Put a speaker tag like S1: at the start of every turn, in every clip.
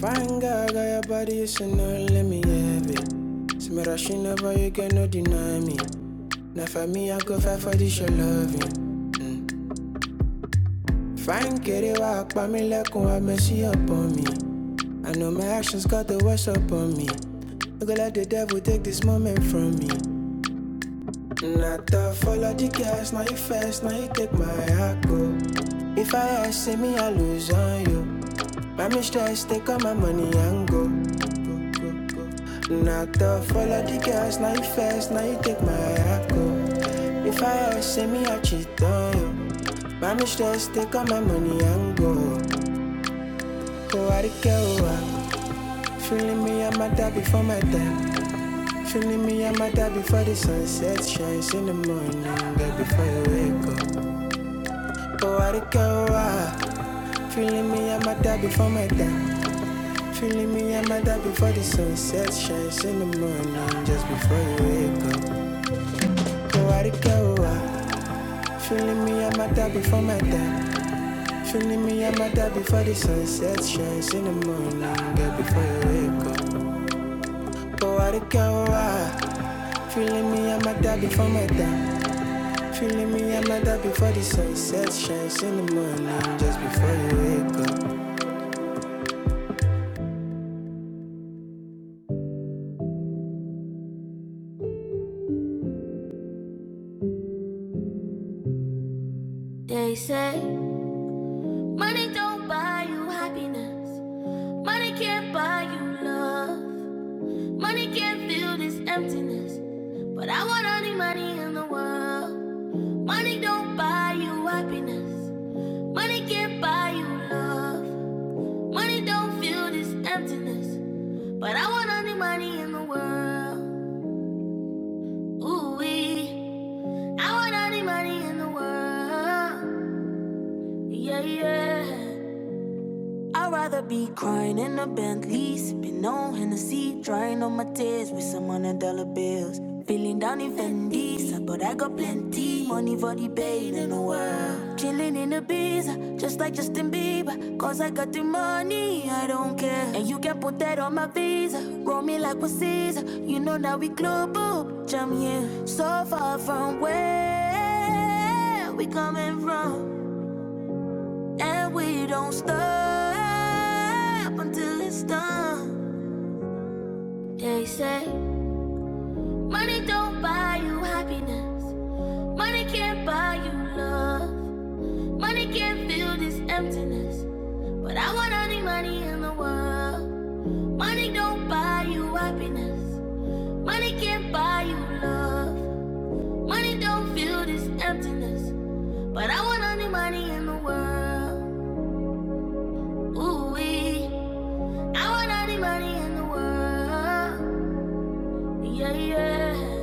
S1: Fine girl, got your body, you should know, let me have it. See me rushing over, you cannot deny me. Now for me, I go fight for this, your loving. Fine, get it, walk by me like I messy up on me. I know my actions got the worst up on me. Look like the devil take this moment from me. Not to follow the gas, now you fast, now you take my echo. If I ask, see me, I lose on you. My mistress, take all my money and go. Not to follow the gas, now you fast, now you take my echo. If I ask, see me, I cheat on you. My mistress, take all my money and go. Oh, I don't care, oh, ah. feeling me, I'm a dad before my time. Feeling me and my dad before the sunset shines in the morning, baby, before you wake up. Oh, I don't care why. Feeling me and my dad before my dad. Feeling me and my dad before the sunset shines in the morning, just before you wake up. Oh, I don't care why. Feeling me and my dad before my dad. Feeling me and my dad before the sunset shines in the morning, girl, before you wake up. Oh, I don't care why. Feeling me and my dad before my dad. Feeling me, I'm at that before the sunset shines in the morning, just before you wake up. They say money don't buy you happiness, money can't buy you love, money can't fill this emptiness. But I want all the money in the world. Money don't buy you happiness, money can't buy you love, money don't fill this emptiness. But I want all the money in the world. Ooh wee. I want all the money in the world. Yeah, yeah. I'd rather be crying in a Bentley, sipping on Hennessy, drying on my tears with some hundred dollar bills. They say money don't buy you happiness, money can't buy you love, money can't fill this emptiness. But I want all the money in the world. Money don't buy you happiness. Money can't buy you love. Money don't fill this emptiness. But I want all the money in the world. Ooh, wee. I want all the money in the world. Yeah, yeah.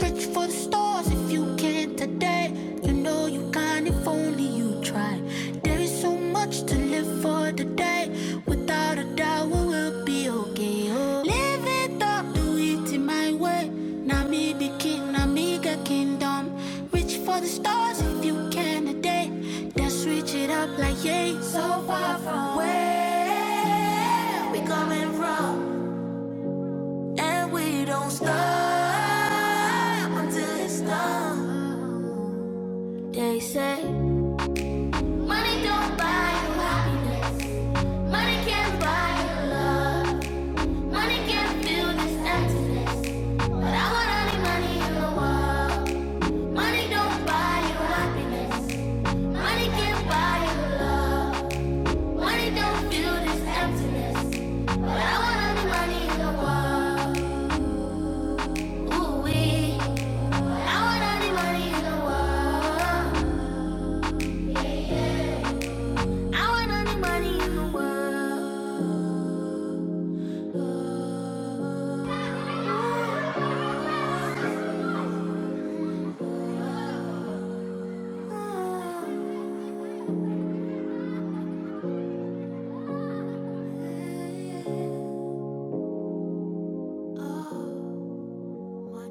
S1: Reach for the stars if you can today. You know you can if only you try. There is so much to live for today. Without a doubt, we will be okay. Oh. Live it up, do it in my way. Now me the king, now me the kingdom. Reach for the stars if you can today. Then switch it up like yeah, so far from where we coming from. And we don't stop until it's done. They say money don't buy you happiness. Money can't buy you love. Money can't fill this emptiness. But I want all the money in the world. Money don't buy you happiness. Money can't buy you love. Money don't fill this emptiness. But I want all the money in the world. Ooh wee. I want all the money in the world. Yeah, yeah. I want all the money in the world. Oh, money.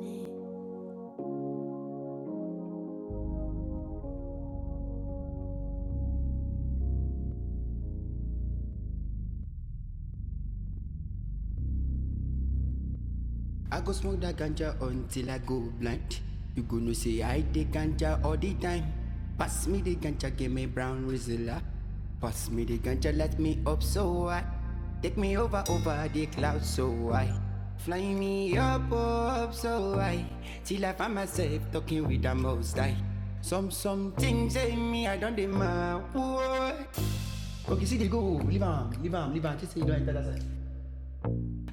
S1: I go smoke that ganja until I go blind. You go no say I the ganja all the time. Pass me the ganja, give me brown rizilla. Pass me the ganja, let me up so high. Take me over over the clouds so high. Fly me up up so high. Till I find myself talking with the most high. Some some things say me I don't demand. Okay, see they go. Leave 'em, leave 'em, leave 'em. Just say you don't enter that side.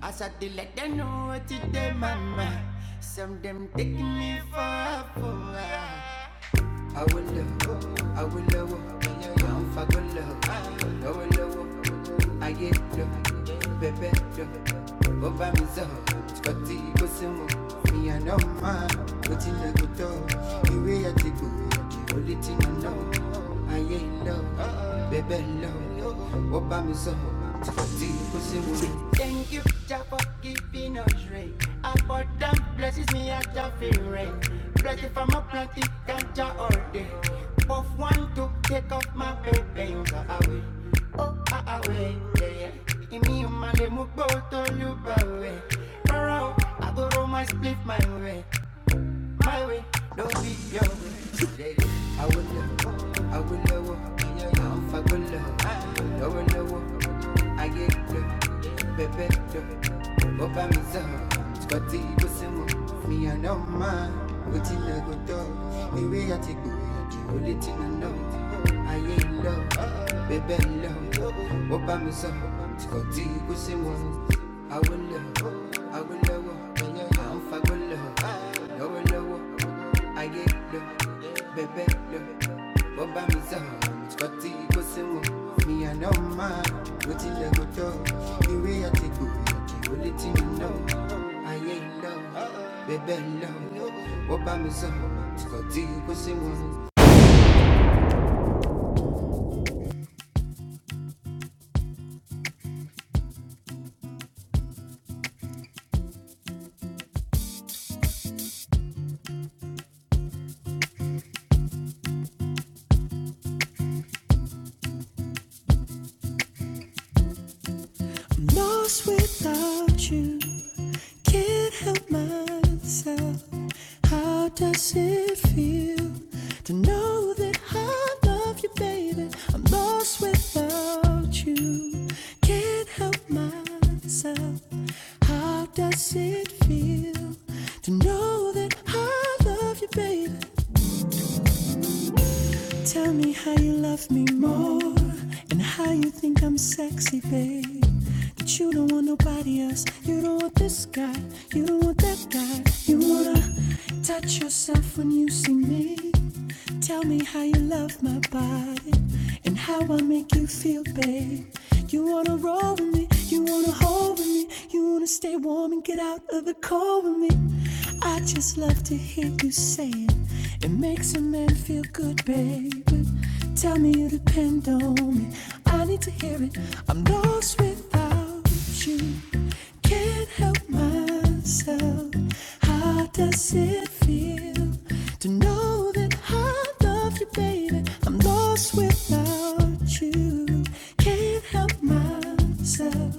S1: I said they let them know what it is, mama. Some them taking me for a fool. I will love, I will love, I'm for good love. I will love, I get love, baby love. Over me so, Scotty go some me and no man. What in the good dog, the way I take good, only thing I know. I ain't love, baby love. Over me so. Thank you, Jah, for giving us rain. Abundant blessings me at Jah feel rain. Blessed from a plant it can Jah all day. Puff one to take off my baby away. Oh, ah, away, yeah, yeah. Imi umane mukbo tolu bawe. Around, I go roll my split my way, my way, don't be your way awolowo awolowo fagolowo lọ́wọ́lọ́wọ́ ayé lọ bẹ̀bẹ̀ lọ ó bá mi sọ skọtí bó sì mọ mi àná máa bó tilẹ̀ kó tọ́ ewé àti gbòòdì ó lè tinú náà ayé lọ bẹ̀bẹ̀ lọ ó bá mi sọ skọtí bó sì mọ awolowo awolowo à ń fagolowo olówó ayé lò bẹ̀bẹ̀ lò bó bá mi sọ̀rọ̀ kò tí kò sí mu mi àná máa ló tilẹ̀ kò tó ìwé àti gbòòjì ó lé tí mi náà ayé lò bẹ̀bẹ̀ lò bó bá sí Lost without you. Can't help myself. How does it feel to know that I love you, baby? I'm lost without you. Can't help myself. How does it feel to know that I love you, baby? Tell me how you love me more and how you think I'm sexy, babe. That you don't want nobody else. You don't want this guy. You don't want that guy. You wanna touch yourself when you see me. Tell me how you love my body and how I make you feel, babe away. You wanna roll with me, you wanna hold with me, you wanna stay warm and get out of the cold with me. I just love to hear you say it. It makes a man feel good, baby. Tell me you depend on me. I need to hear it. I'm lost without you. Can't help myself. How does it feel to know that I love you, baby? I'm lost without you. Can't help myself.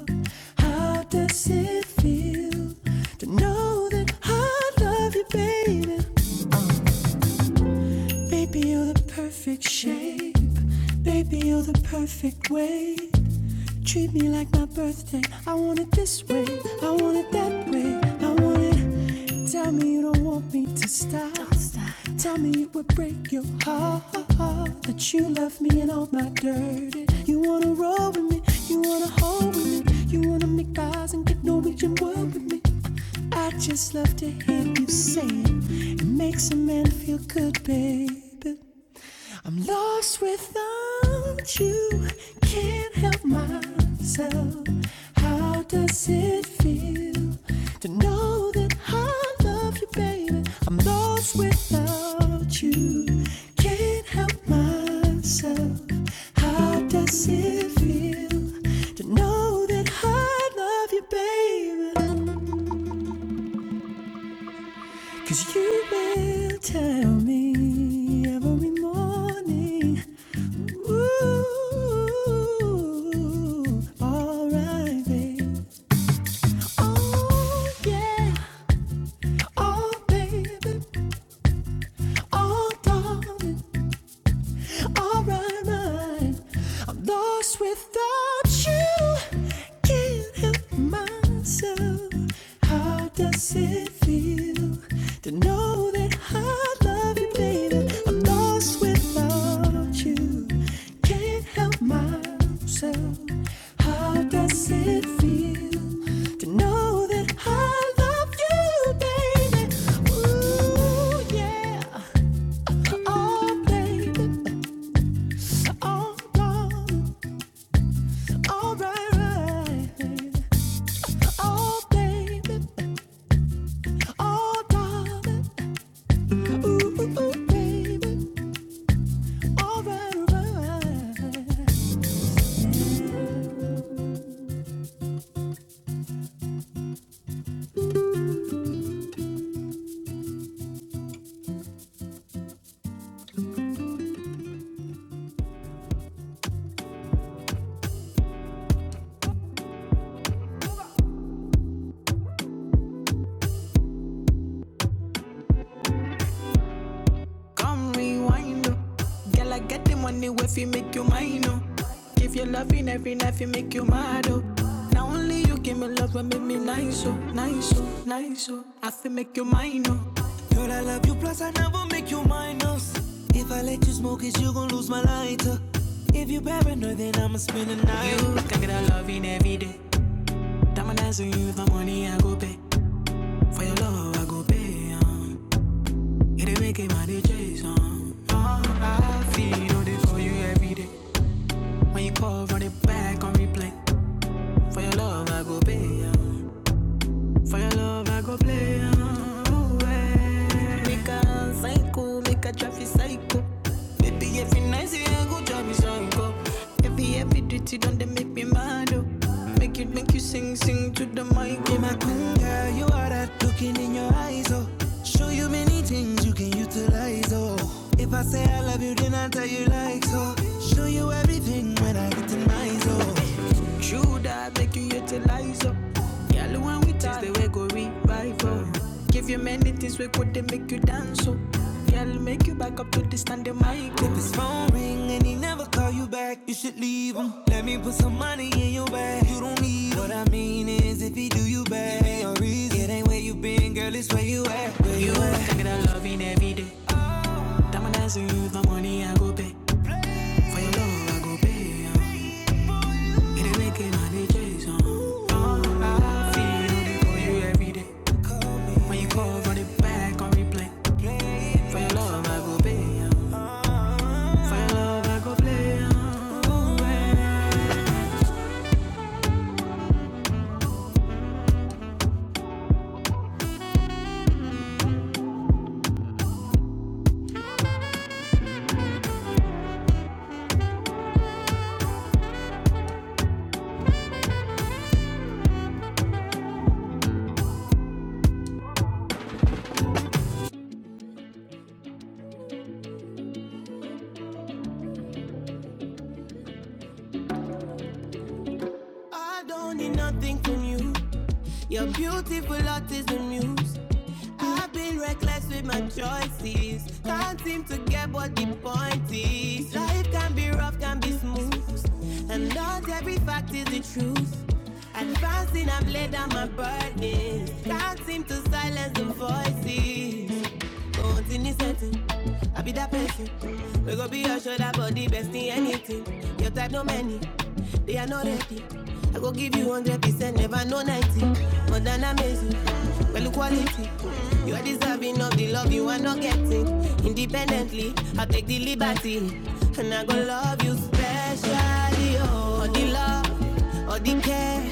S1: How does it feel to know that I love you, baby? Baby, you're the perfect shape. Baby, you're the perfect way. Treat me like my birthday. I want it this way. I want it that way. I want it. Tell me you don't want me to stop. Don't stop. Deep with your heart that you love it. You mean you hold with me. You wanna make a big Norwegian world with me. I just love to hear you. And may you good, baby. Yourself. to know that I love you, baby. I'm lost without you. Can't help myself. How does it feel to know that I love you, baby? 'Cause you will tell me every morning. Ooh, alright, babe. Oh, yeah. Oh, baby. Oh, darling, all right, mine. I'm lost without you. Can't help myself. How does it feel to know that I love you, baby? I'm lost without you. Can't help myself. How does it feel to know that I love you, baby? Ooh, yeah. Oh, baby. Oh, darling. All right, right. Oh, baby. Oh, darling. Ooh, baby. All right, right. Come rewind. oh. Girl, I get the money if you make you mine. Oh. Give you loving every night, you make you mad. Oh. Now only you give me love and make me nice, oh, nice, oh, nice, oh. I feel make you mine, oh. If you paranoid, then I'ma spend the night. You can get a loving every day. Diamond eyes on you, if my money I go pay. For your love I go pay. Um. It ain't making him my day chase. Um. I feel all day for you every day. When you call, run it back on replay. For your love I go pay. Um. For your love, I go play away. Make a psycho, make a traffic psycho. Baby, every night, you a good job, me psycho. Every, every duty, don't they make me mad, oh. Make it, make you sing, sing to the mic, oh. My queen girl, you are that looking in your eyes, oh. Show you many things you can utilize, oh. If I say I love you, then I tell you like so. Show you everything within my soul. Should I make you utilize up? Girl, when we taste the way go revival. Give you many things we could they make you dance so, Girl, make you back up to the stand the mic. If it's wrong and he never call you back, you should leave him. Let me somebody you don't need. I mean, I'm dancing you for money, I go pay. For your love, I go pay. It ain't making money, Jason. Every day when you call for the back on replay. I don't need nothing from you. Your beautiful heart is the muse. I've been reckless with my choices. Can't seem to get what the point is. Life can be rough, can be smooth. And not every fact is the truth. Advancing, I've laid down my burdens. Can't seem to silence the voices. Don't in this setting. I be that person. We go be your shoulder body, best in anything. Your type no many. They are not ready. I go give you one hundred percent, never know ninety. More than amazing, well quality. You are deserving of the love you are not getting. Independently, I take the liberty, and I go love you specially. Oh, all the love, all the care,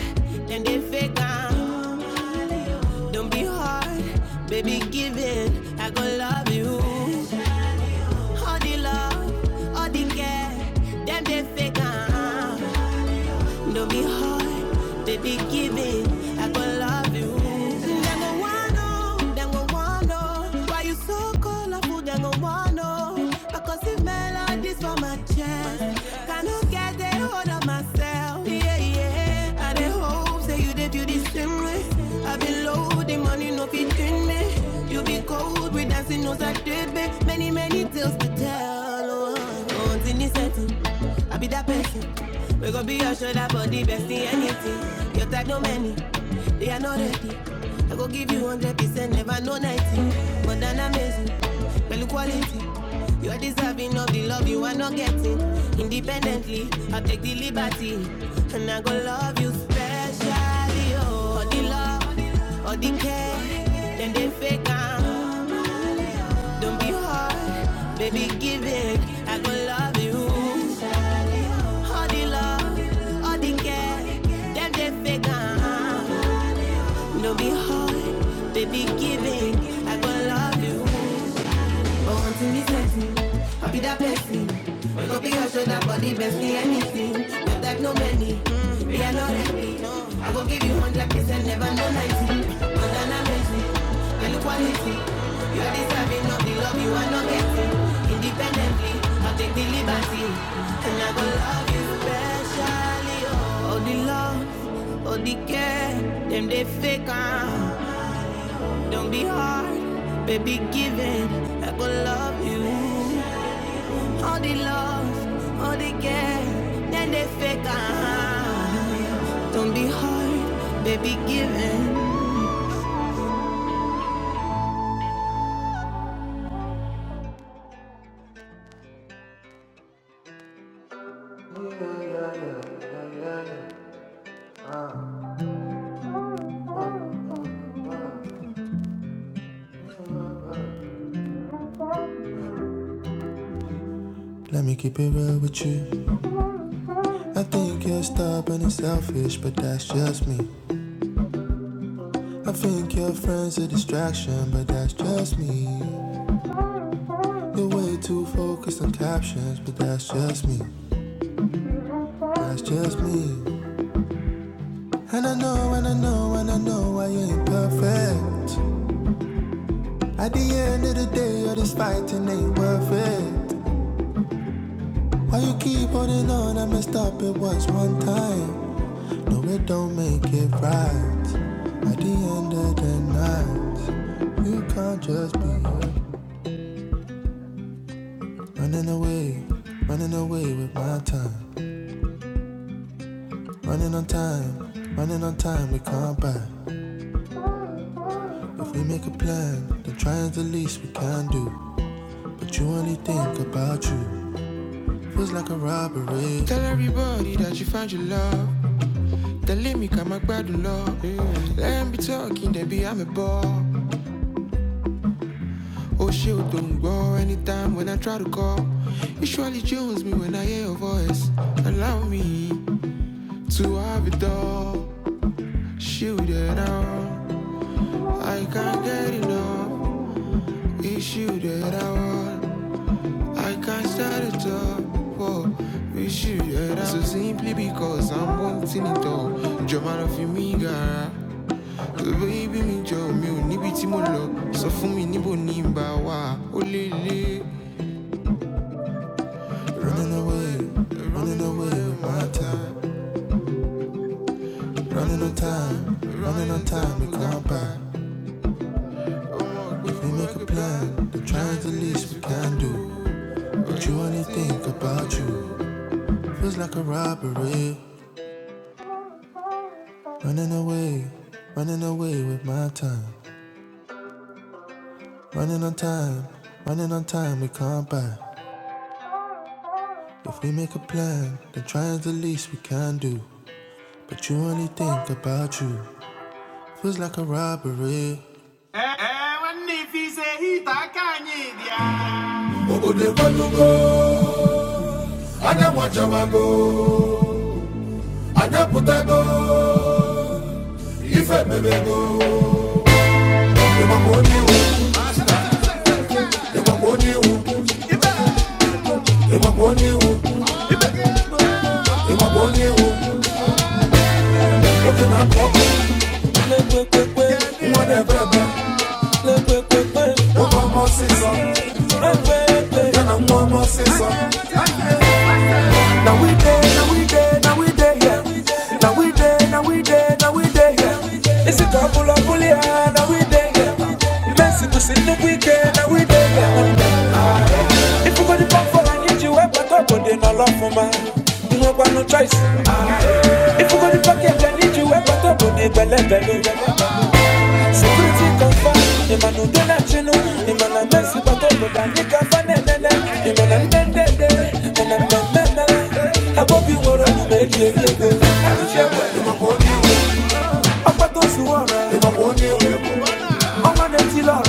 S1: then they fake am. Don't be hard, baby, give in. I go love you. All the love, all the care, them they fake am. Don't be hard, baby, give it. I gon' love you. Them go wanna, them go wanna. Why you so colorful? Them go wanna. Because if melodies for my chest, cannot get a hold of myself. Yeah, yeah. I dey hope say you dey feel the same way. I been low, the money no fit in me. You be cold, we dancing no Saturday. Many, many tales to tell. Oh, oh, in the setting. I be that person. We gon' be your shoulder for the best in anything. Your type no many, they are not ready. I go give you one hundred percent, never no ninety. More than amazing, value quality. You are deserving of the love you are not getting. Independently, I take the liberty. Don't be hard, baby, give it. I gon' love you. Don't be hard, baby, give it. do dig them, they fake. ah. Don't be hard, baby, they love you. All the love, all the care, then they fake uh Don't be hard, baby, give. Tell everybody that you found your love. Tell me come gbadun love. Let me be talking, they be I'm a ball. Oh shit, oh, don't go anytime when I try to call. It surely jones me when I hear your voice. Allow me to have it all. Shoot it all. I can't get enough. It's you that I want. I can't start it up for with you, yeah. So simply because I'm wanting it all. Jọ̀mọ́ lọ fi mí gara. So baby mi jọ mi ò níbi tí mo lọ. Sọ fún mi níbo ni n bá wà ó lé lé. Ẹ̀wọ̀n ní fi ṣe ìtàkà yìí ni. obodo ekwenugo anya nwachawago anya pụtago ife mebego Legwe, kwe, day, now we day. Is it a pull up, pull ya, now we day. Messi to sin the weekend, now we day. If you got the pump for I need you, I'm back up on the no love for man. You have got no choice. If you got the pocket, I need you, I'm back up on the belly belly. Security confirm, the man who don't let you know. The man a Messi, but up on the nigga the man a men, then then, and I'm men, men, I hope you were on the tour. I'm on the tour,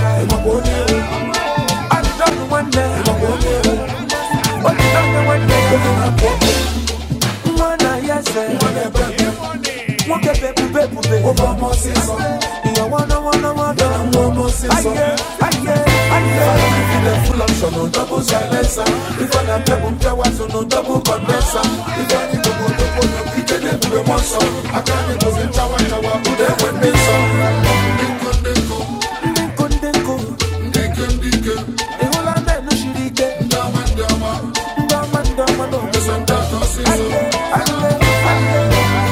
S1: I'm on the one day. I'm on the one day. I yẹsẹ bébù bébù bọmọ sísọ ìyàwó náwó náwó náà bọmọ sísọ. ayé ayé ayé ndekò ndekò ìhùlá mẹ́nu ṣìrì ike ndọ́ ọmọ ndọ́ ọmọ náà bọmọ sísọ. ayé ayé ayé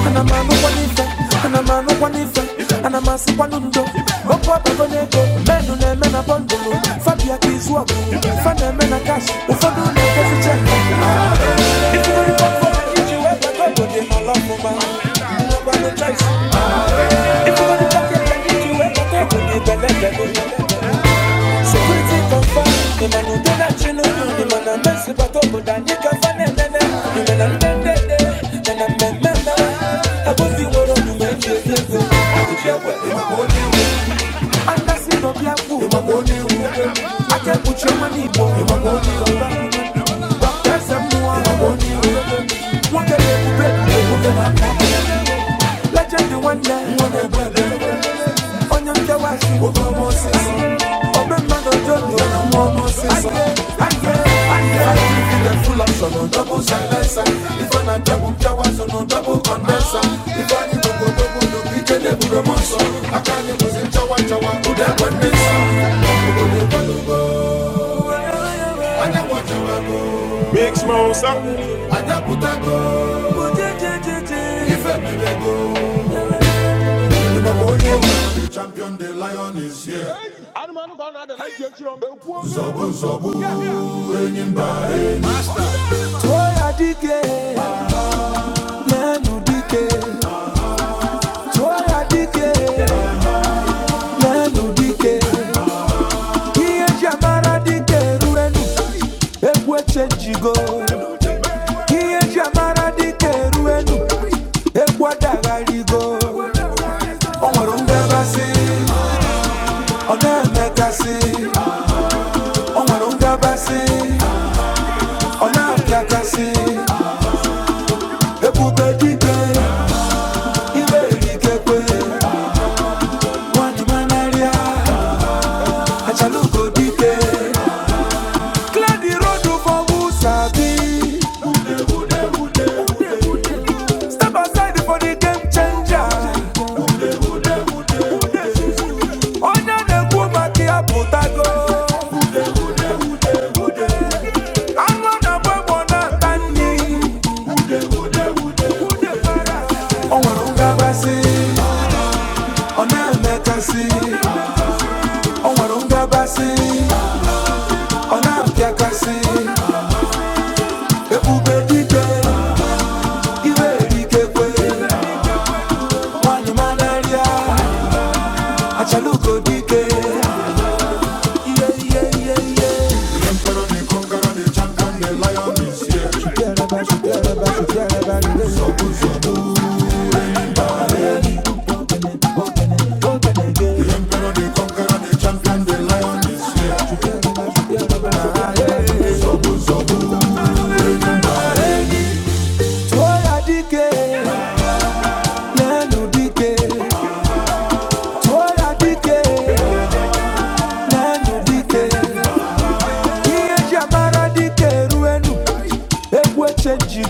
S1: anamọ anụkwa n'ife anamọ anụkwa n'ife anamọ asịkwa n'undo If you're to talk and you do it, okay, go get the go get the letter. Security confirm, the man who did that, you the man who messed it up, but then you can find it, then, then, the man who done then, then, then, then, then, I go see what I'm doing, just to I could share what you want. And that's it, not put your money, boy. Rock that some can you do? What Legend the one that wanna go. Onye nke wa my wo go mo se so. Obe I jodo na mo mo feel so. Full option on double silencer. If I am not double showers on double condenser. If I need to go double, no pick a double. double. If toy adike, man udike. Toy adike, man udike. Kiye jamara di chenjigo. Kiye jamara di keruenu, ekwa dagarigo. Onwere ngabasị, ọ na-emekasị. Onwere ngabasị, dike, iwe erikekwe. Nwanyimanarịa, achalugo dike. Clear the road for who sabi. Step aside for the game changer. Onye na-ekwu maka ya pụtago. Anụ na-agba egbo na-ata nri. O nwere ngabasị, ọ na-emekasị. O nwere ngabasị, ọ na-apịakasị. Ebube dike, iwe erikekwe. Nwanyị manarịa, achalugo dike.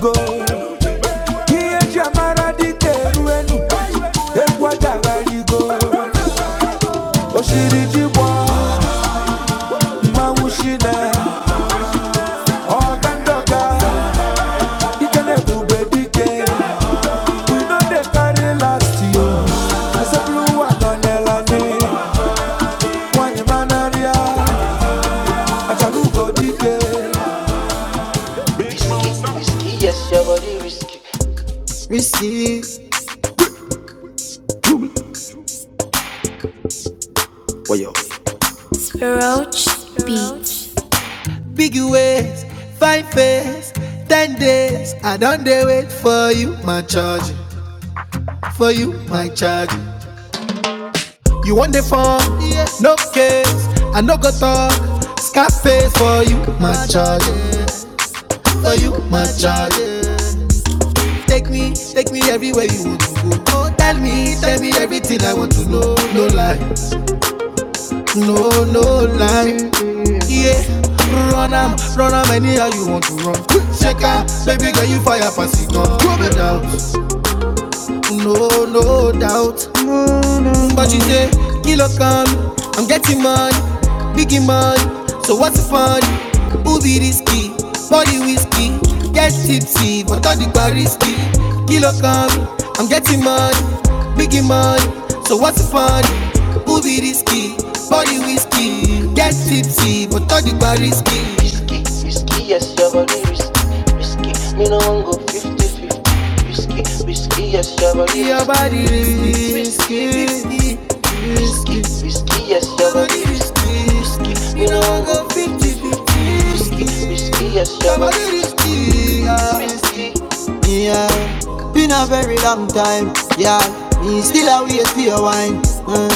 S1: Go. Here, Jamara, the Teruenu, Equadarigo, Oshiri Jibo, Mamushina, Ogandoga. no They wait for you, my charge. For you, my charge. You want the phone? Yes. No case. I no go talk. Scarface for you, my charge. For you, my charge. Take me, take me everywhere you want to go. Oh, tell me, tell me everything I want to know. No lie. no, no lie. Yeah, run am, run am anyhow you want to run. Shake am, baby girl you fire pass it gun. Throw down, no, no doubt. Mm, But she say, kilo come, I'm getting money, biggie money. So what's the fun? Who be risky? Body whiskey, get tipsy, but all the bar risky. Kilo come, I'm getting money, biggie money. So what's the fun? Who be risky? Body whiskey, get tipsy, but all the bar risky risky, risky, yes, your body risky, risky. Me no one go fifty fifty. 50 risky, risky, yes, your body Your risky, Your body risky, risky, risky, risky, yes, your body risky, risky. You know I go 50 fifty. risky. risky, yes, your body body risky, ah, risky. Yeah, been a very long time. Yeah, me still a wait for your wine. Uh,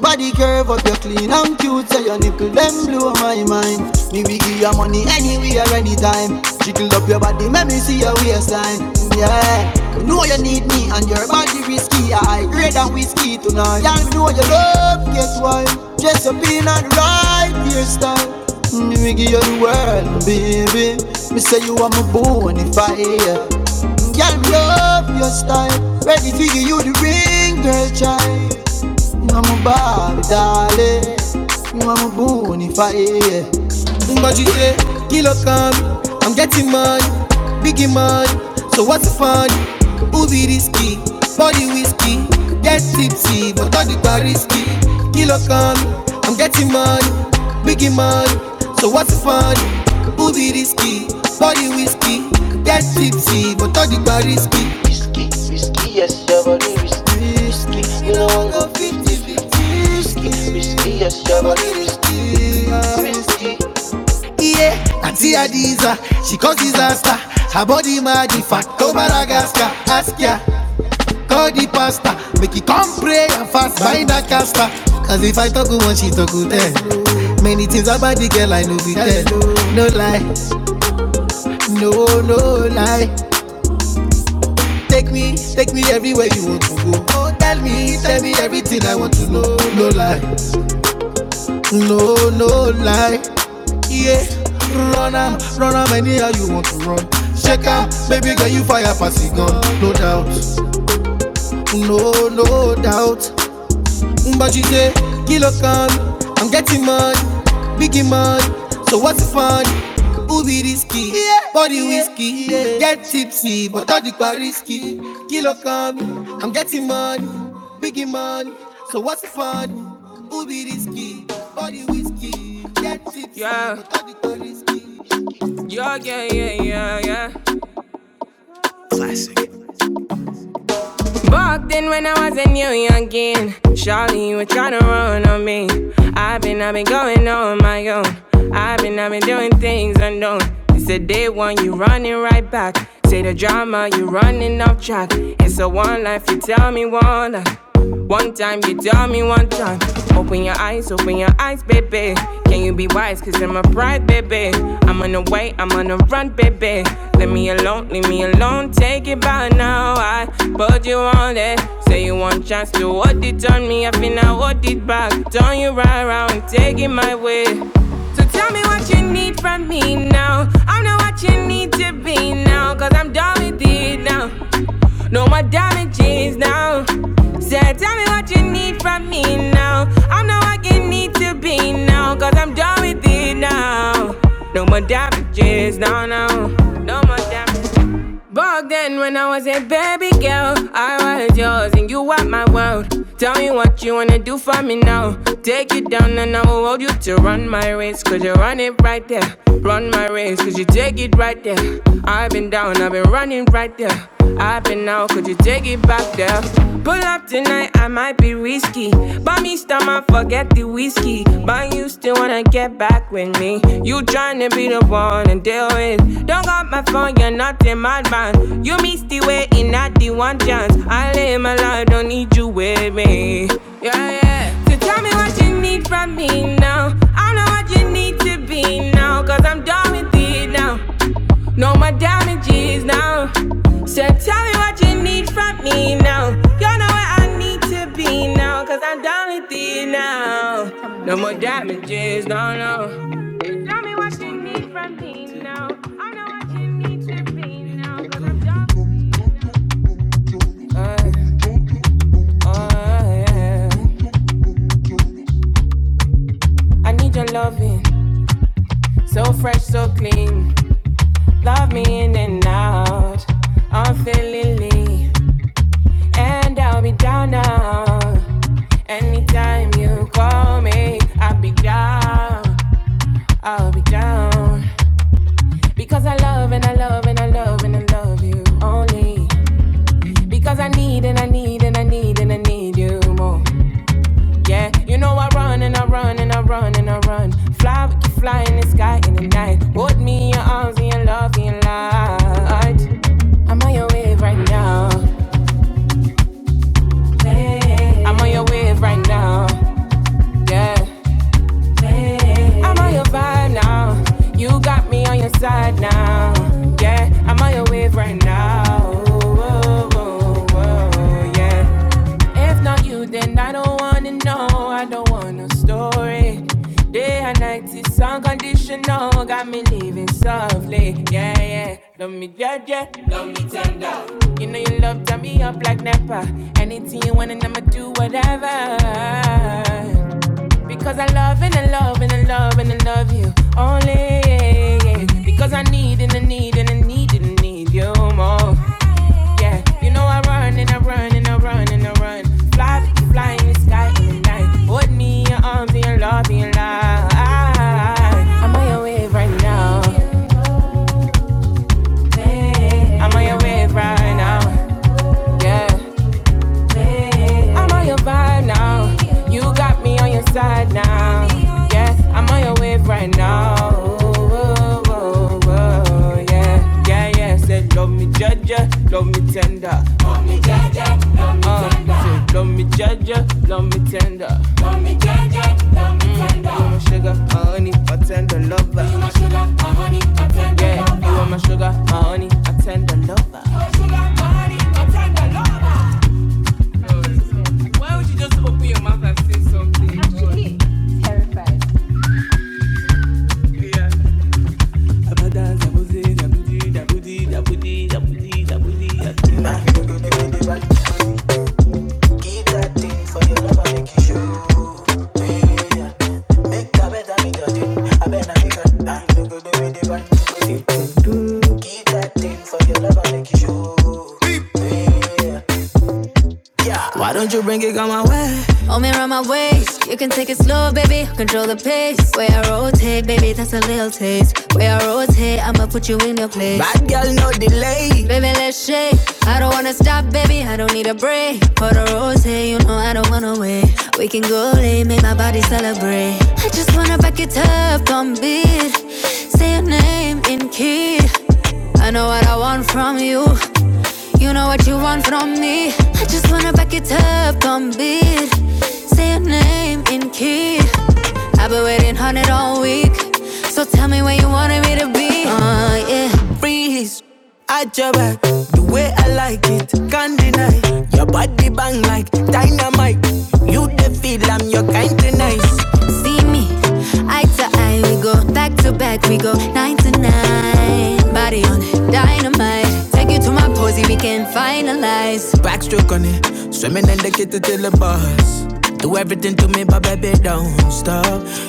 S1: body curve up, you clean and cute, so your nipple them blow my mind. Me we give your money anywhere, anytime. Jiggle up your body, make me see your waistline. Yeah, you know you need me and your body risky. I grade and whiskey tonight. Y'all know you love, guess why? Just up in and right hairstyle. Nigga, you're the world, baby. Me say you are my bonfire. Girl, me love your style. Ready to give you the ring, girl, child. Mambabitale, Mambunify. But you say, kilo come, I'm getting money, biggie money. So what's the fun? Ubi risky, body whiskey, get tipsy, but all the bar risky. Kilo come, I'm getting money, biggie money. So what's the fun? Ubi risky, body whiskey, get tipsy, but all the bar risky. Risky, you know I'm 50 fifty risky. Yeah, Auntie Adiza, she cause disaster. Her body magnified, go Madagascar, ask ya, call the pastor, make it come pray and fast, find a caster. Cause if I talk one, she talk ten. Many things about the girl I know be tell. No lie, no no lie. Take me, take me everywhere you want to go. Oh, tell me, tell me everything I want to know. No lie, no no lie. yeah. Run am, run am anyhow you want to run. Check am, baby girl you fire pass the gun, no doubt, no no doubt. Mbaji say, kilo kan, I'm getting money, biggie money, so what's the fun? Who be risky? Yeah. Body whiskey, yeah. get tipsy, but all the bar risky. Kilo kan, I'm getting money, biggie money, so what's the fun? Who be risky? Body whiskey, get tipsy, Yeah. but all the bar risky. been, I've been going on my own. I've been, I've been doing things unknown. It's the day one, you running right back. Say the drama, you running off track. It's a one life, you tell me one life. One time, you tell me one time. Open your eyes, open your eyes, baby. Can you be wise? Cause I'm a pride, baby. I'm on the way, night, I'm on a run, baby. Leave me alone, leave me alone, take it by now. I put you on it. Say you want chance to hold it on me, I feel I hold it back. Turn you right around, take it my way. So tell me what you need from me now. I'm not what you need to be now, cause I'm done with it now. No more damages now. So tell me what you need from me now. I'm not what you need to be now, cause I'm done with it now. No more damages, no, no. No more damages. Back then, when I was a baby girl, I was yours and you were my world. Tell me what you wanna do for me now. Take you down and I will hold you to run my race. Cause you run it right there. Run my race, cause you take it right there. I've been down, I've been running right there. I've been out, could you take it back there? Pull up tonight, I might be risky. Buy me each time I forget the whiskey, but you still wanna get back with me. You tryna be the one to deal with. Don't got my phone, you're not a madman. You missed the way in not the one chance. I live my life, don't need you with me. Yeah, yeah. So tell me what you need from me now. I know what you need to be now, cause I'm done with it now. Know my damages now. So tell me what you need from me now. You know where I need to be now. Cause I'm done with you now. No more damages, no, no. Tell me what you need from me now. I know what you need to be now. Cause I'm done with you. uh, uh, yeah. I need your loving, so fresh, so clean. Love me in and out. I'm feeling lean. And I'll be down now. Anytime you call me, I'll be down. I'll be down. Because I love and I love and I love and I love you only. Because I need and I need and I need and I need you more. Yeah, you know I run and I run and I run and I run. Fly, we can fly in the sky in the night. Hold me in your arms and your love and your light. I'm on your wave right now. Yeah, I'm on your wave right now. Yeah. I'm on your vibe now. You got me on your side now. Yeah, I'm on your wave right now. Whoa, whoa, whoa, yeah. If not you, then I don't wanna know. I don't want no story. Day and night is unconditional. Got me living softly. Yeah, yeah. Love me, yeah, yeah. Love me tender. You know you love turn me up like Napa. Anything you want, and I'ma do whatever. Because I love and I love and I love and I love you only. yeah, yeah. Because I need and I need and I need and I need you more. Yeah, you know I run and I run and I run and I run. Fly, fly in the sky in the night. Hold me in your arms and your love and your life. I'm on your wave right now. I'm on your wave right now. Yeah. I'm on your vibe now. You got me on your side now. Yeah, I'm on your wave right now. Whoa, whoa, whoa, yeah, yeah, yeah. Said love me judge, love me tender. Uh, Said love me judge, love me tender. Mm, you want my sugar, my honey, my tender lover. Yeah, you want my sugar, my honey, my tender lover. Why would you just open your mouth and say something? Hold me around my waist. You can take it slow, baby. Control the pace. Way I rotate, baby, that's a little taste. Way I rotate, I'ma put you in your place. Body. Baby, let's shake. I don't wanna stop, baby. I don't need a break. For the rotate, you know I don't wanna wait. We can go late, make my body celebrate. I just wanna back it up, don't beat. Say your name in key. I know what I want from you. You know what you want from me. I just wanna back it up, don't beat. Say your name in key. I've been waiting on it all week. So tell me where you wanted me to be. Oh, Uh, yeah. mic. You the feel I'm your kind of nice. See me, eye to eye, we go back to back, we go nine to nine. Body on it, dynamite. Take you to my posy, we can finalize. Backstroke on it, swimming in the kitchen till the bars. Do everything to me, but baby, don't stop.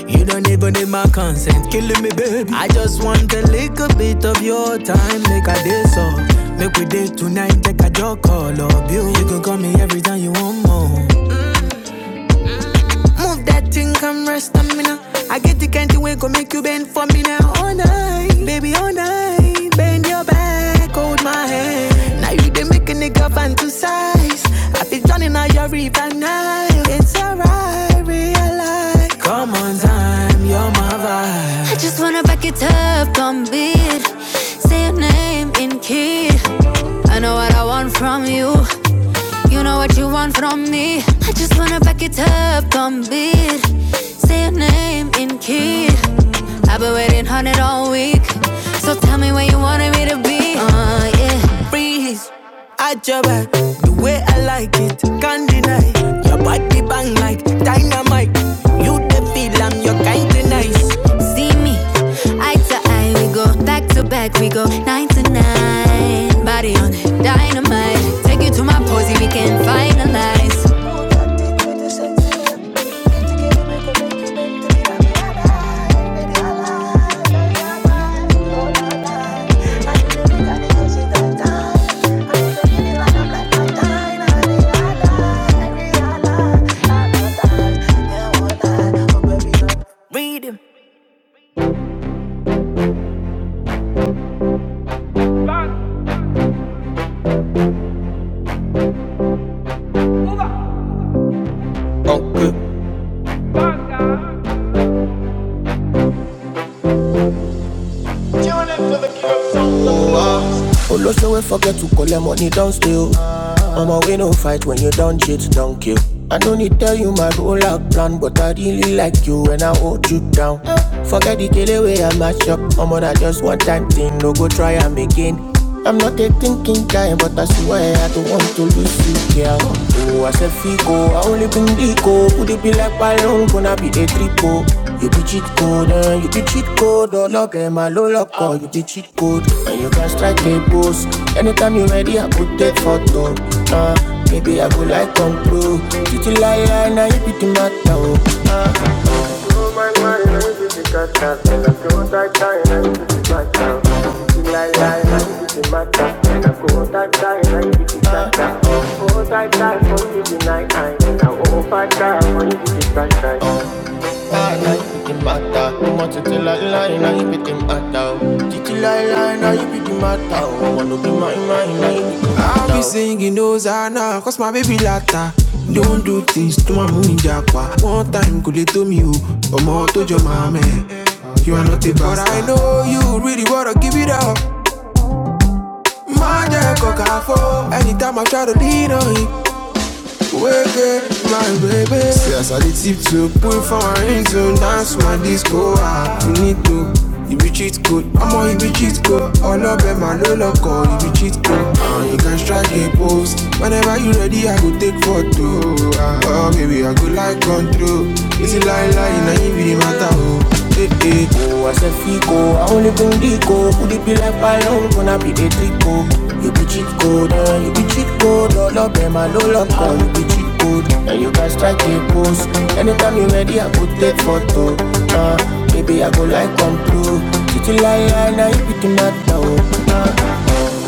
S1: You don't even need my consent, killing me, baby. I just want a little bit of your time, like I did so. Make we date tonight, take a joke, all of you. You can call me every time you want more. stamina. I get the kind night, night. It's alright, real. Come on, time, yo. I just wanna back it up, don't beat. Say your name in key. I know what I want from you. You know what you want from me. I just wanna back it up, don't beat. Say your name in key. I've been waiting on it all week. So tell me where you wanted me to be. Uh, yeah. See me, eye to eye, we go back to back, we go nine to nine. Body on it, dynamite. Take you to my posy, we can finalize. Okay. Oh, no, say we forget to call your money downstairs. I'm a way no fight when you don't cheat, don't kill. I don't need tell you my rollout plan, but I really like you when I hold you down. Forget the kill away I mash up. I'm just one time thing, no go try and again. I'm not a thinking guy, but I swear I don't want to lose you, girl. Oh, I said Fico, I only been Dico. Could it be like Ballon, gonna be a triple? You be cheat code, eh? you be cheat code. All of them are low lock, oh, you be cheat code. And you can strike a pose. Anytime you are ready, I could take photo. Uh, maybe I go like come pro. Titi liar, now you be the matter. Oh. Oh my mind, I need be the out. When I go that time, I need to be cut out. Lie, lie, I need be the matter. When I go that time, I need be the out. Oh, oh, that time, for you be the night time. And I over time, when you be the cut out. Ah, now you be the matter. No more titi liar, now you be the matter. Titi liar, now you be the matter. Oh, wanna be mine, mine, I'll no. be singing those are now, cause my baby latta. Don't do things to my moon japa. One time could they to me, or more to your mama. You are not a bastard. But I know you really wanna give it up. My jack coca for anytime I try to lean on you. Wake up, my baby. See, as I did tip to put for into dance my disco. ah. You need to. You be cheat code, I'm on you be cheat code. All of them, my know love oh, you be cheat too. Uh, you can strike a post. Whenever you ready, I go take photo. Uh, oh, baby, I go like control. Is it lie, lie, na you be the matter, oh. Hey, hey. Oh, I said Fico, I only bring Dico. Could it be like Palom, gonna be the Trico? You be cheat code, uh, you be cheat code. All up in my low lock, uh, you be cheat code. And you can strike a pose. Anytime you ready, I could take photo. Uh, baby, I go like come through. Titi lie, lie, now you be the matter, oh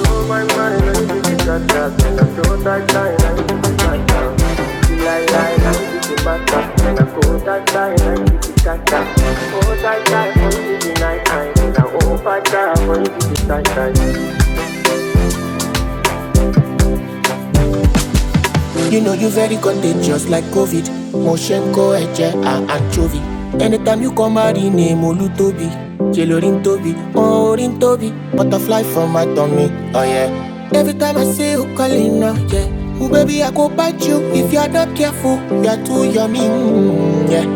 S1: blow my mind and give it that that. And I blow that line and give it that that. Feel like lie, and give it back that. And I go that line and give it that that. Go that line and give it night night. And I over that and give it that that. You know you very contagious like COVID. Moshenko, Eche, and Anchovy. Anytime you come out in name Olutobi, Jelorin Tobi, Orin Tobi. Butterfly from my tummy, oh yeah. Every time I say you oh yeah. Oh baby, I go bite you if you're not careful. You're too yummy, mm, yeah.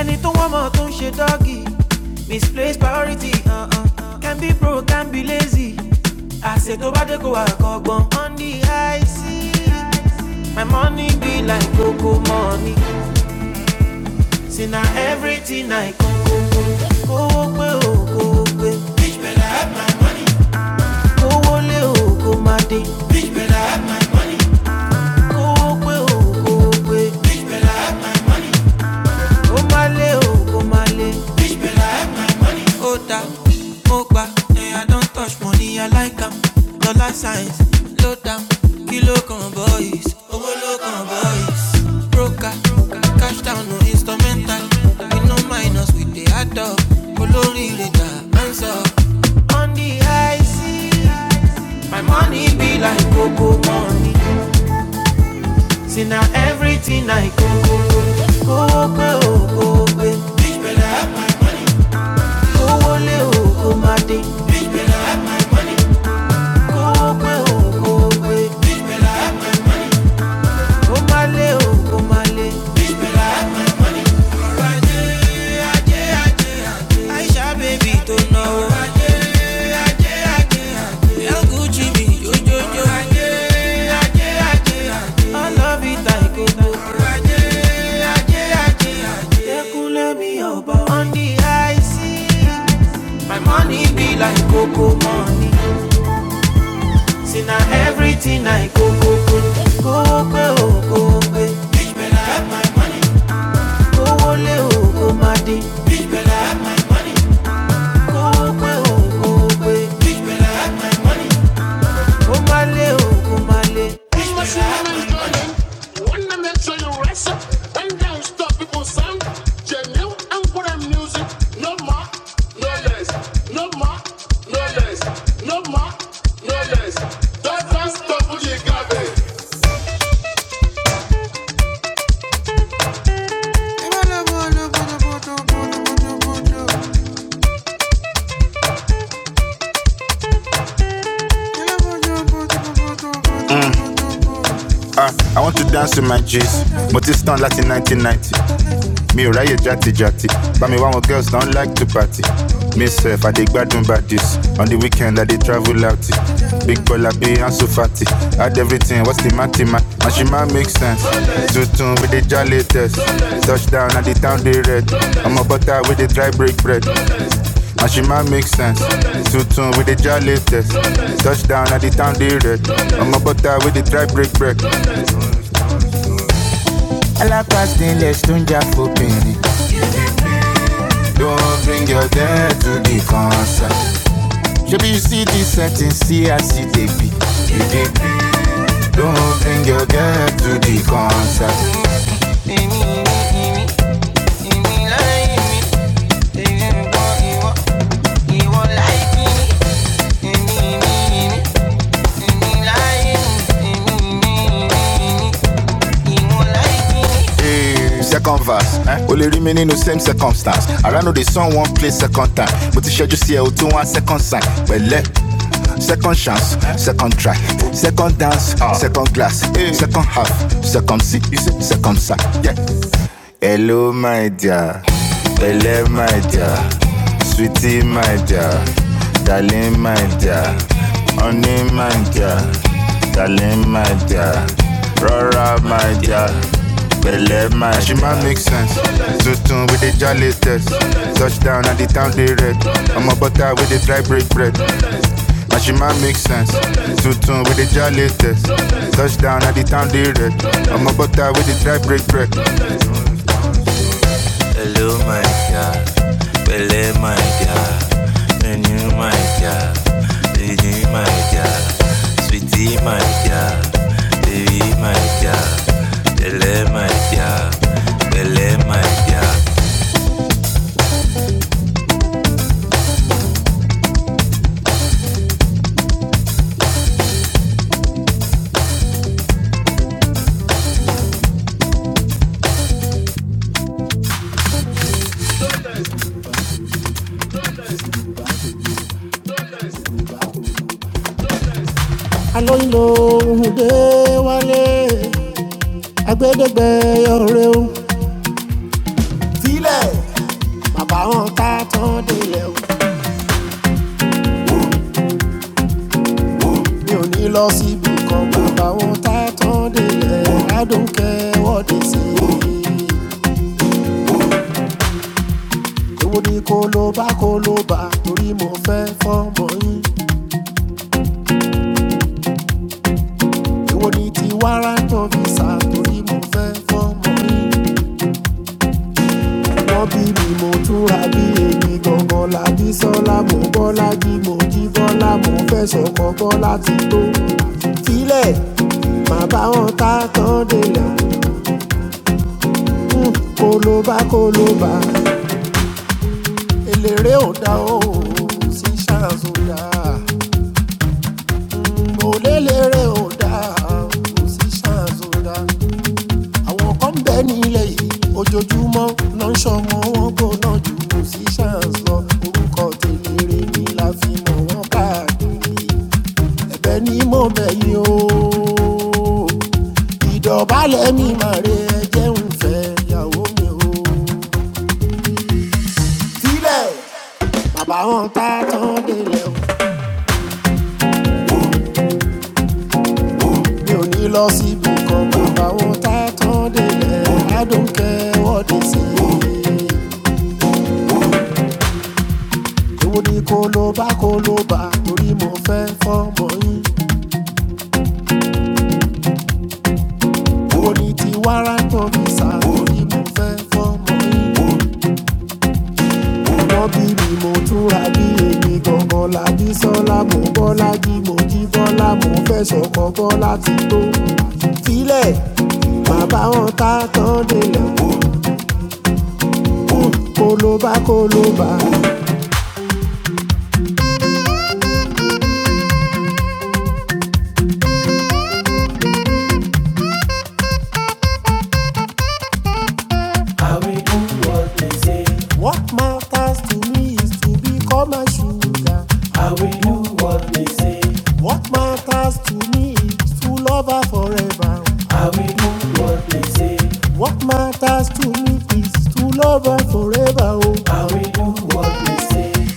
S1: ẹni tó wọ́n mọ̀ tó ń ṣe dọ́gì misplaced priority uh -uh. uh. can be broke, can be lazy àṣẹ tó bá dé kó wà kọ́gbọ́n on the high sea my money be like cocoa money see na everything i kan kówó pé o kówó pé kówó lé o kó má dé kówó pé o kówó pé ó má lé o kó má lé ó ta mo gbà. life science ló dáhùn kí ló kàn boys owó ló kàn boys broker cash down no instrumental we no minus with the add up olóríire dà answer. on the high sea my money be like cocoa money see now everything i go I love it i go go. ọ̀rọ̀ ajé ajé ajé ẹkúnlẹ̀ mi ọba on the high sea my money be like cocoa money see now everything i go. Ah, I want to dance with my G's. but it's done like in 1990. Me ride ò ráyè játijàti but me one wọn girls don't like to party me sef i dey gbádùn badis on the weekend i dey travel out big bola bi so fatty. add everything what's the matty man? and she might make sense tuntun with the jolly test. touchdown at the town dey red ọmọ butter with the dry break bread. And she might make sense. Tuntun with the jolly test. Touchdown at the town dey red. Ọmọ butter with the try break break. alápàtì ilẹ̀ tó ń jà fòbìnrin Don't bring your dad to the concert. Shebi you see this setting, see I see they be. You dey be. Don't bring your dad to the concert. Hey, second verse, eh? o lè rí mi same circumstance. I know the sun one place second time. Mo ti ṣẹ́jú see ẹ o tún wá second sign. Pẹ̀lẹ́. Second chance, second try, second dance, uh. second glass, second half, second seat, second sack. Yeah. Hello, my dear. Hello, my dear. Sweetie, my dear. Darling, my dear. Honey, my dear. Darling, my dear. Rora, my dear. Belle, my dear. She might make sense. So soon with the jolly test. Touchdown at the town they red. I'm a butter with the dry break bread. And she might make sense. Two tune with the jolly test. Touchdown at the town they red. I'm a butter with the dry break bread. Hello, my girl. Pele, my girl. And you, my girl. Baby, my girl. Sweetie, my girl. Baby, my girl. Pele, my girl. Pele, my girl. I alóyinlo òhùndé wálé agbẹdẹgbẹ ọrẹ o sílẹ̀ bàbá wọn ta tán délẹ̀ o mi ò ní lọ you. kan bàbá wọn ta tán délẹ̀ adùnkẹ́ wọ́de sí i. don't care what they say. èwo ni kólóbá kólóbá torí mo fẹ́ fọ́mọ yín èwo ni ti wárántàn fìsà torí mo fẹ́ fọ́mọ yín wọ́n bí mi mo túra bí èmi gangan lábí sọ́lá mo bọ́lá jí mo jí bọ́lá mo fẹ́ sọ̀kọ̀ bọ́lá ti tó sílẹ̀ má bá wọn ta tán délẹ̀ Hmm, kólóbá kólóbá eléré ò dá o sí ṣáàzó dá mo lélẹ́rẹ́ ò dá o sí ṣáàzó dá. àwọn kan ń bẹ nílẹ̀ yìí ojoojúmọ́ náà ń ṣọmọ wọn gbóná ju musicians lọ orúkọ tèlére ni la fi mọ̀ wọ́n káàkiri ẹ̀bẹ̀ ni mo bẹ̀ yín o ìdọ̀bálẹ̀ mi mà re ẹjẹ́ ń fẹ́ ìyàwó mi o sílẹ̀ bàbá wọn tá tán délẹ̀ mi ò ní. I will do what they say. Thanks to me, it's true lover forever. I will do what they say. to live is to love her forever. Oh, And we do what we say.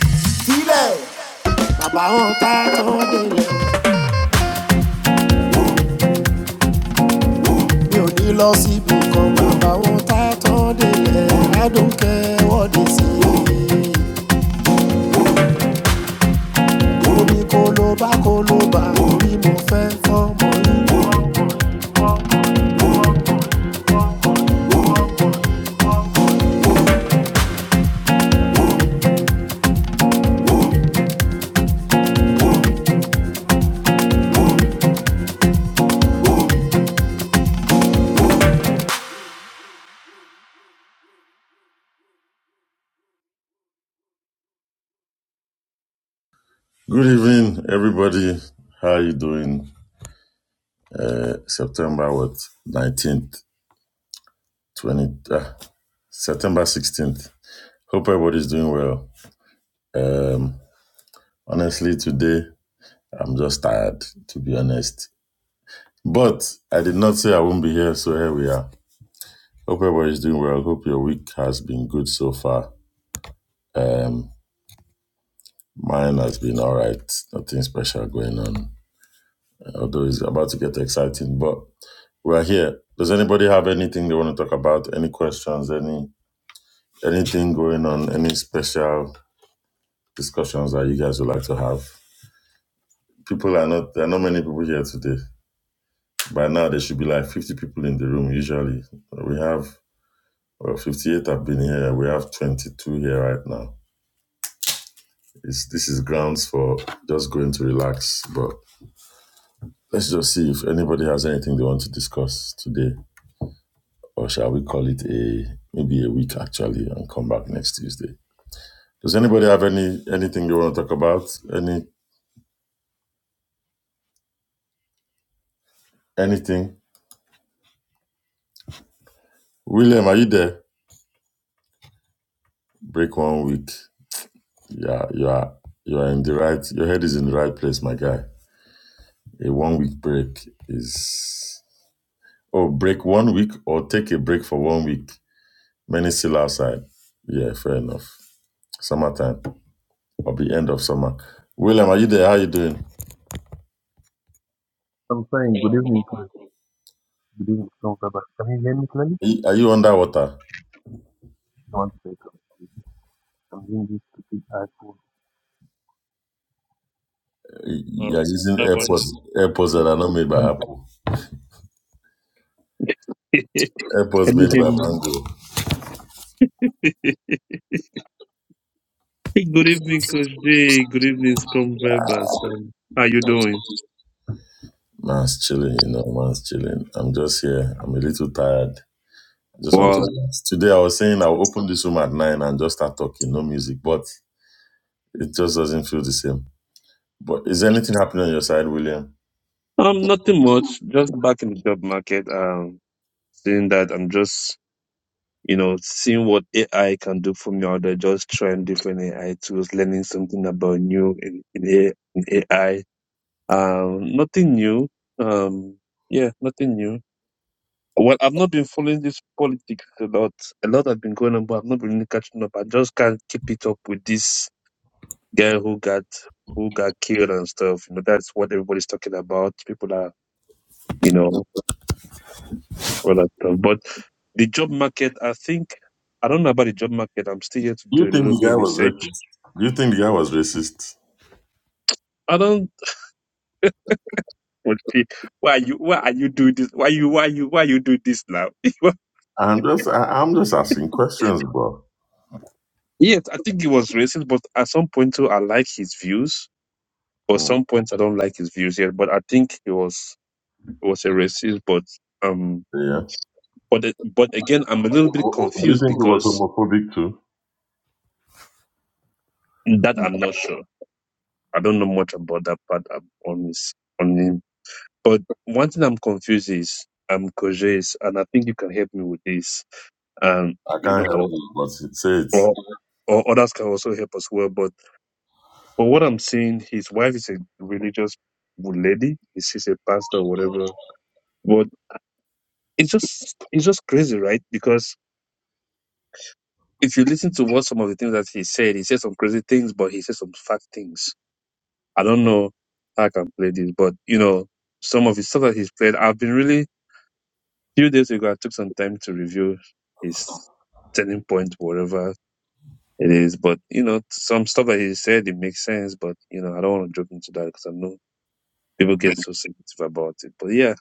S2: Good evening, everybody. How are you doing? Uh, September what? Nineteenth, twenty, uh, September sixteenth. Hope everybody's doing well. Um, honestly, today I'm just tired, to be honest. But I did not say I won't be here, so here we are. Hope everybody's doing well. Hope your week has been good so far. Um, mine has been all right. Nothing special going on, although it's about to get exciting. But We're here. Does anybody have anything they want to talk about? Any questions? Any anything going on? Any special discussions that you guys would like to have? People are not. There are not many people here today. By now, there should be like fifty people in the room. Usually, we have well, fifty-eight have been here. We have twenty-two here right now. It's, this is grounds for just going to relax. But let's just see if anybody has anything they want to discuss today, or shall we call it a maybe a week actually, and come back next Tuesday. Does anybody have any anything they want to talk about? Any anything? William, are you there? Break one week. Yeah, you are you are in the right your head is in the right place, my guy. A one week break is oh break one week or take a break for one week. Many still outside. Yeah, fair enough. Summertime or the end of summer. William, are you there? How you doing?
S3: I'm fine. Good evening, Chris. Good evening, Tom Baba. Can you hear me clearly?
S2: Are you are you underwater?
S3: One second. I'm using this stupid iPhone. All
S2: You're
S3: right.
S2: using
S3: How about now?
S2: AirPods AirPods that are not made
S3: Um,
S2: by Apple.
S3: Good
S2: AirPods
S3: Can you
S2: made
S3: hear
S2: by
S3: me now?
S2: Mango.
S3: Good evening, Coach Jay. Good evening, Scrum Vibers. Um, how you doing?
S2: Man's chilling, you know, man's chilling. I'm just here. I'm a little tired. I just want to
S3: Well,
S2: relax. Today I was saying I'll open this room at nine and just start talking, no music, but it just doesn't feel the same. But is anything happening on your side, William?
S3: um, nothing much. Just back in the job market. Um, seeing that I'm just, you know, seeing what AI can do for me. Or they're just trying different AI tools, learning something about new in, in, A- in AI. Um, nothing new. Um, yeah, nothing new. Well, I've not been following this politics a lot. A lot has been going on, but I've not been really catching up. I just can't keep it up with this guy who got who got killed and stuff. You know, that's what everybody's talking about. People are, you know, all that stuff. But the job market, I think, I don't know about the job market. I'm still here to
S2: Do
S3: do
S2: you
S3: a
S2: think
S3: little
S2: the
S3: bit
S2: guy
S3: of
S2: was
S3: research.
S2: racist? Do you think the guy was racist?
S3: I don't. Okay, why are you? Why are you doing this? Why you? Why you? Why you do this now?
S2: I'm just, I, I'm just asking questions, bro.
S3: Yes, I think he was racist, but at some point too, I like his views. Or
S2: Mm,
S3: some points I don't like his views yet, but I think he was he was a racist. But um,
S2: yeah.
S3: but but again, I'm a little bit
S2: Do you
S3: confused
S2: think he was
S3: because
S2: homophobic too?
S3: that I'm not sure. I don't know much about that part. I'm on his on him. But one thing I'm confused is um Koje's, and I think you can help me with this. Um,
S2: I
S3: you
S2: can't
S3: know,
S2: help
S3: or
S2: it, but it says
S3: or, or others can also help as well. But for what I'm seeing, his wife is a religious lady. Is she a pastor or whatever? But it's just it's just crazy, right? Because if you listen to what some of the things that he said, he said some crazy things, but he said some fact things. I don't know how I can play this, but you know, some of his stuff that he's played, I've been really few days ago I took some time to review his turning point, whatever it is. But you know, some stuff that he said it makes sense, but you know, I don't want to jump into that because I know people get so sensitive about it. But yeah.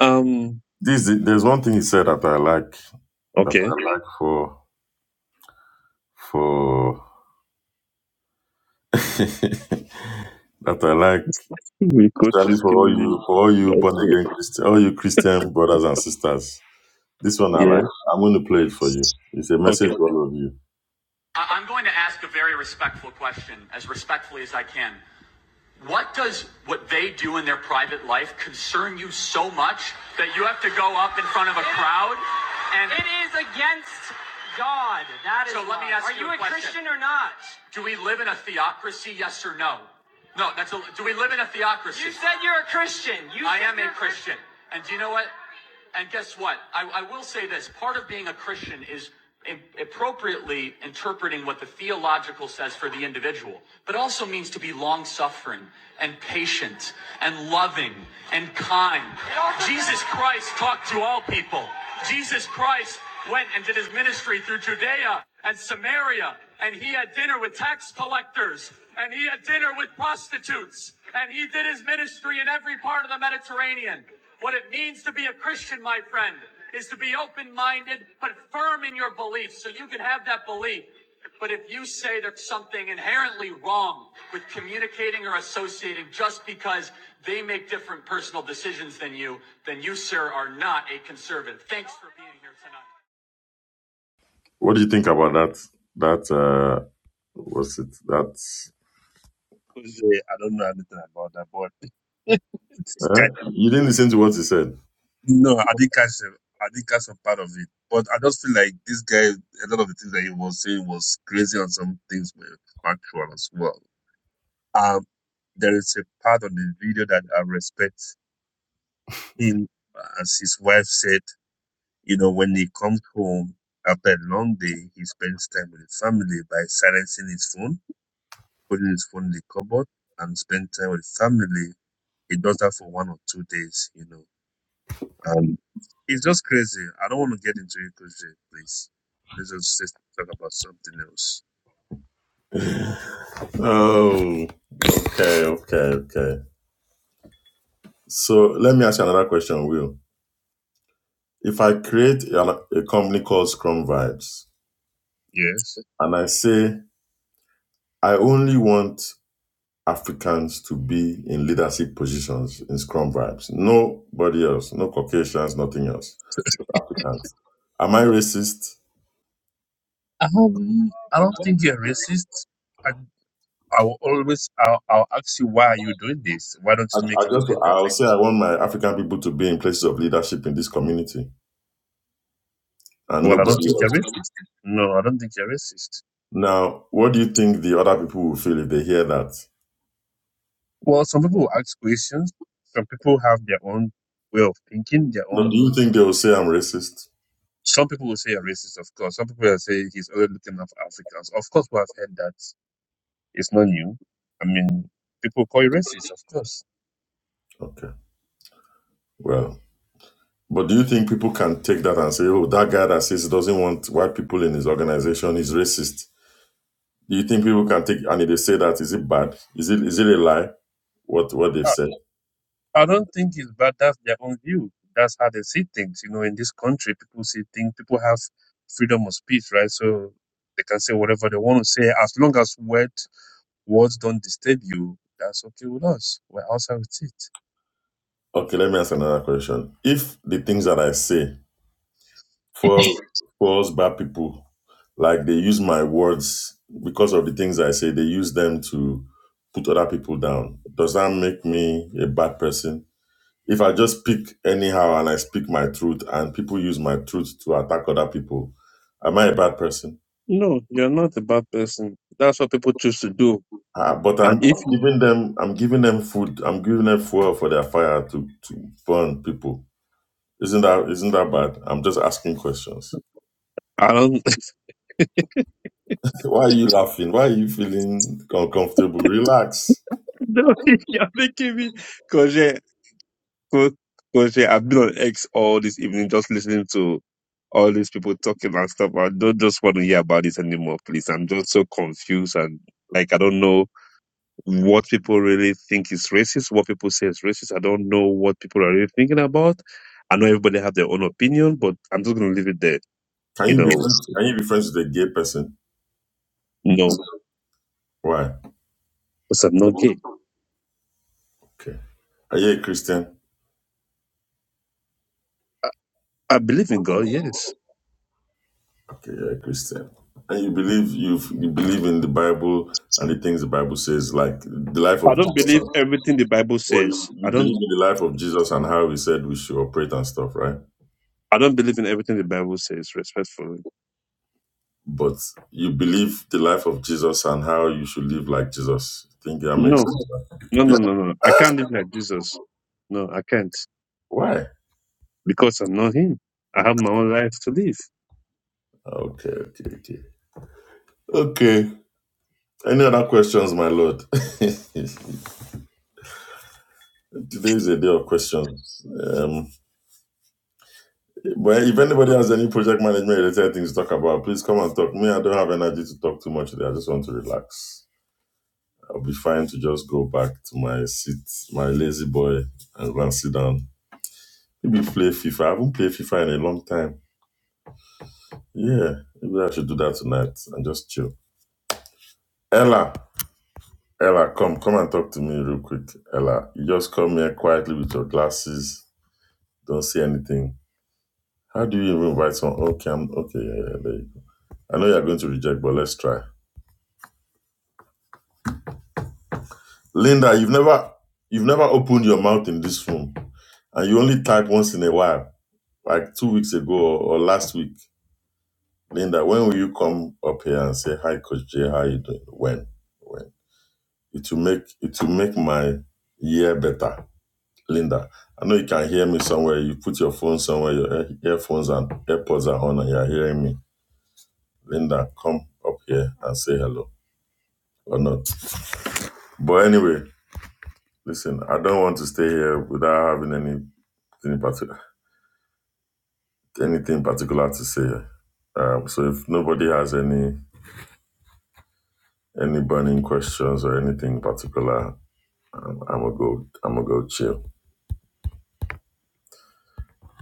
S3: Um
S2: this. There's one thing he said that I like, that
S3: okay.
S2: I like for for. that I like,
S3: We coach
S2: especially
S3: is
S2: for all you
S3: giving
S2: for all you born
S3: you
S2: again Christian, all you Christian brothers and sisters. This one I
S3: yeah.
S2: like. I'm going to play it for you. It's a
S3: Okay.
S2: message for all of you.
S1: I- am going to ask a very respectful question, as respectfully as I can. What does what they do in their private life concern you so much that you have to go up in front of a it, crowd and? It is against God. That is So let me why. ask you a question. Are you a Christian or you said you're a Christian? You I said am a And do you know what? And guess what? I, I will say this part of being a Christian is appropriately interpreting what the theological says for the individual, but also means to be suffering and patient and loving and kind. Jesus Christ talked to all people. Jesus Christ went and did his ministry through Judea and Samaria, and he had dinner with tax collectors, and he had dinner with prostitutes, and he did his ministry the Mediterranean. What it means to be a Christian, my friend, is to be open minded but firm in your beliefs so you can have wrong with communicating or associating just because they make different personal decisions than you, then you, sir, are not a conservative. Thanks for being here tonight.
S2: What do you think about that? That uh, what's it? That
S3: Jose, I don't know anything about that, but this guy,
S2: eh? you didn't listen to what he said.
S3: no, I didn't catch him. I didn't catch some part of it. But I just feel like this guy, a lot of the things that he was saying was crazy and some things were factual as well. Um, there is a part on the video that I respect him, as his wife said, you know, when he comes home after a long day, he spends time with the family by silencing his phone, putting his phone in the cupboard, and spend time with family. He does that for one or two days, you know Um, it's just crazy. I don't want to get into it, Coach Jay, please. Let's just sit- talk about something else.
S2: Oh, okay, okay, okay. So let me ask you another question, Will. If I create a, a company called Scrum Vibes
S3: Yes.
S2: and I say I only want Africans to be in leadership positions in Scrum Vibes. Nobody else, no Caucasians, nothing else, just Africans. Am I racist?
S3: Um, I don't think you're racist. I, I will always, I'll, I'll ask you, why are you doing this? Why don't
S2: I,
S3: you make
S2: I
S3: a little
S2: just
S3: bit
S2: I'll
S3: better?
S2: say I want my African people to be in places of leadership in this community and
S3: Well, I don't
S2: nobody
S3: think you're
S2: else.
S3: racist. No, I don't think you're racist.
S2: Now, what do you think the other people will feel if they hear that?
S3: Well, some people will ask questions. Some people have their own way of thinking, their
S2: No, do
S3: own.
S2: you think they will say I'm racist?
S3: Some people will say you're racist, of course. Some people will say he's only looking at Africans. Of course, we have heard that. It's not new. I mean, people call you racist, of course.
S2: Okay, well, but do you think people can take that and say, "Oh, that guy that says he doesn't want white people in his organization is racist"? Do you think people can take and if they say that is it bad? Is it is it a lie? What what they've
S3: I,
S2: said?
S3: I don't think it's bad. That's their own view. That's how they see things. You know, in this country, people see things. People have freedom of speech, right? So they can say whatever they want to say, as long as word, words don't disturb you. That's okay with us. We're outside with it.
S2: Okay, let me ask another question. If the things that I say falls falls bad people, like they use my words because of the things I say, they use them to put other people down. Does that make me a bad person? If I just speak anyhow and I speak my truth and people use my truth to attack other people, am I a bad person?
S3: No, you're not a bad person. That's what people choose to do.
S2: Uh, but I'm,
S3: And if
S2: I'm
S3: you,
S2: giving them I'm giving them food. I'm giving them fuel for their fire to, to burn people. Isn't that isn't that bad? I'm just asking questions.
S3: I don't,
S2: Why are you laughing? Why are you feeling uncomfortable? Relax.
S3: no, you're making me, Cause Coach, coach, yeah, I've been on X all this evening just listening to all these people talking and stuff. I don't just want to hear about this anymore, please. I'm just so confused and like I don't know what people really think is racist, what people say is racist. I don't know what people are really thinking about. I know everybody have their own opinion, but I'm just gonna leave it there.
S2: Can
S3: You
S2: you be
S3: know,
S2: friends? Can you be friends with a gay person?
S3: no,
S2: Why?
S3: because I'm not gay.
S2: Okay. Are you a Christian?
S3: I, I believe in God, yes.
S2: Okay, you're a Christian. And you believe you you believe in the Bible and the things the Bible says, like the life
S3: I
S2: of
S3: don't
S2: Jesus.
S3: believe
S2: And,
S3: everything the Bible
S2: well, you,
S3: says.
S2: you
S3: I don't
S2: believe in the life of Jesus and how he said we should operate and stuff, right?
S3: I don't believe in everything the Bible says, respectfully.
S2: but you believe the life of Jesus and how you should live like Jesus. I think that makes
S3: No,
S2: sense.
S3: No,
S2: Yeah.
S3: no, no, no. I can't live like Jesus. No, I can't
S2: Why?
S3: because I'm not him. I have my own life to live.
S2: Okay, okay, okay. Okay. Any other questions, my lord? Today is a day of questions. Um, but if anybody has any project management related things to talk about, please come and talk. Me, I don't have energy to talk too much today. I just want to relax. I'll be fine to just go back to my seat, my lazy boy, and go and sit down. Maybe play FIFA. I haven't played FIFA in a long time. Yeah, maybe I should do that tonight and just chill. Ella, Ella, come, come and talk to me real quick. Ella, you just come here quietly with your glasses. Don't say anything. How do you even invite someone? Okay, I'm okay. Yeah, yeah, there you go. I know you're going to reject, but let's try. Linda, you've never, you've never opened your mouth in this room, and you only type once in a while, like two weeks ago or, or last week. Linda, when will you come up here and say hi, Coach Jay? How you doing? When? When? It will make it will make my year better. Linda, I know you can hear me somewhere. You put your phone somewhere, your earphones and AirPods are on, and you're hearing me. Linda, come up here and say hello or not. But anyway, listen, I don't want to stay here without having anything particular, anything particular to say. Um, so if nobody has any any burning questions or anything particular, I'm, I'm gonna go. I'm gonna go chill.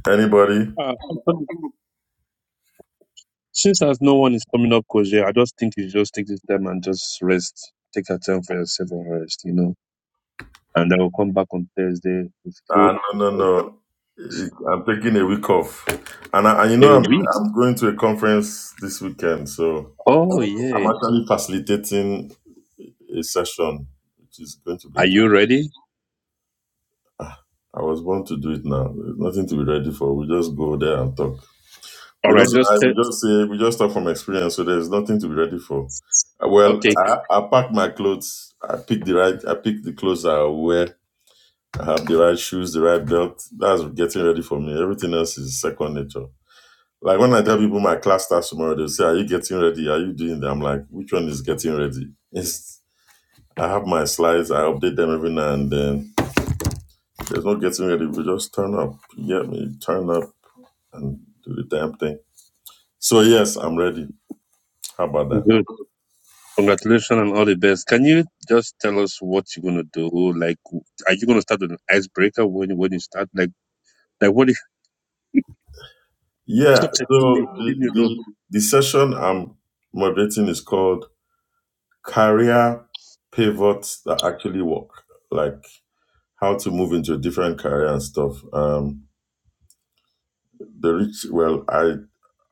S2: Anybody?
S3: Uh, actually, since as no one is coming up, Koje, I just think you just take this time and just rest. Take your time for yourself and rest, you know. And I will come back on Thursday with full
S2: Ah, no, no, no. It, I'm taking a week off, and I, and you know
S3: a
S2: I'm
S3: week.
S2: I'm going to a conference this weekend, so
S3: Oh
S2: I'm
S3: yeah.
S2: actually facilitating a session, which is going to be
S3: Are you
S2: interesting.
S3: ready?
S2: I was born to do it now. There's nothing to be ready for. We just go there and talk.
S3: All
S2: We don't
S3: right, just
S2: lie.
S3: tell,
S2: We just say we just talk from experience. So there's nothing to be ready for. Uh, Well,
S3: okay,
S2: I, I pack my clothes. I pick the right. I pick the clothes I wear. I have the right shoes, the right belt. That's getting ready for me. Everything else is second nature. Like when I tell people my class starts tomorrow, they'll say, Are you getting ready? Are you doing that? I'm like, which one is getting ready? It's I have my slides, I update them every now and then. There's no getting ready. We just turn up. You get me? Turn up and do the damn thing. So yes, I'm ready. How about that?
S3: good. Congratulations and all the best. Can you just tell us what you're gonna do? Like, are you gonna start with an icebreaker when when you start? Like, like what
S2: Yeah.
S3: Something
S2: So
S3: from me. did
S2: the
S3: you don't?
S2: the, the session I'm moderating is called Career Pivots That Actually Work. Like how to move into a different career and stuff. Um, the rich, well, I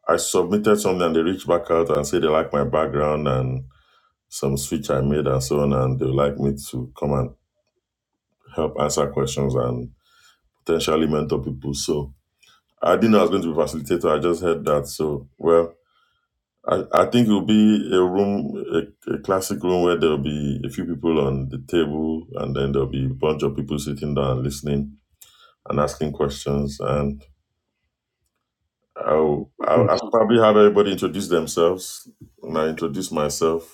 S2: I submitted something and they reached back out and said they like my background and some switch I made and so on, and they would like me to come and help answer questions and potentially mentor people. So I didn't know I was going to be a facilitator. I just heard that. So well, I, I think it'll be a room, a, a classic room where there'll be a few people on the table, and then there'll be a bunch of people sitting down and listening and asking questions. And I'll,
S3: Yes.
S2: I'll, I'll probably have everybody introduce themselves, and I introduce myself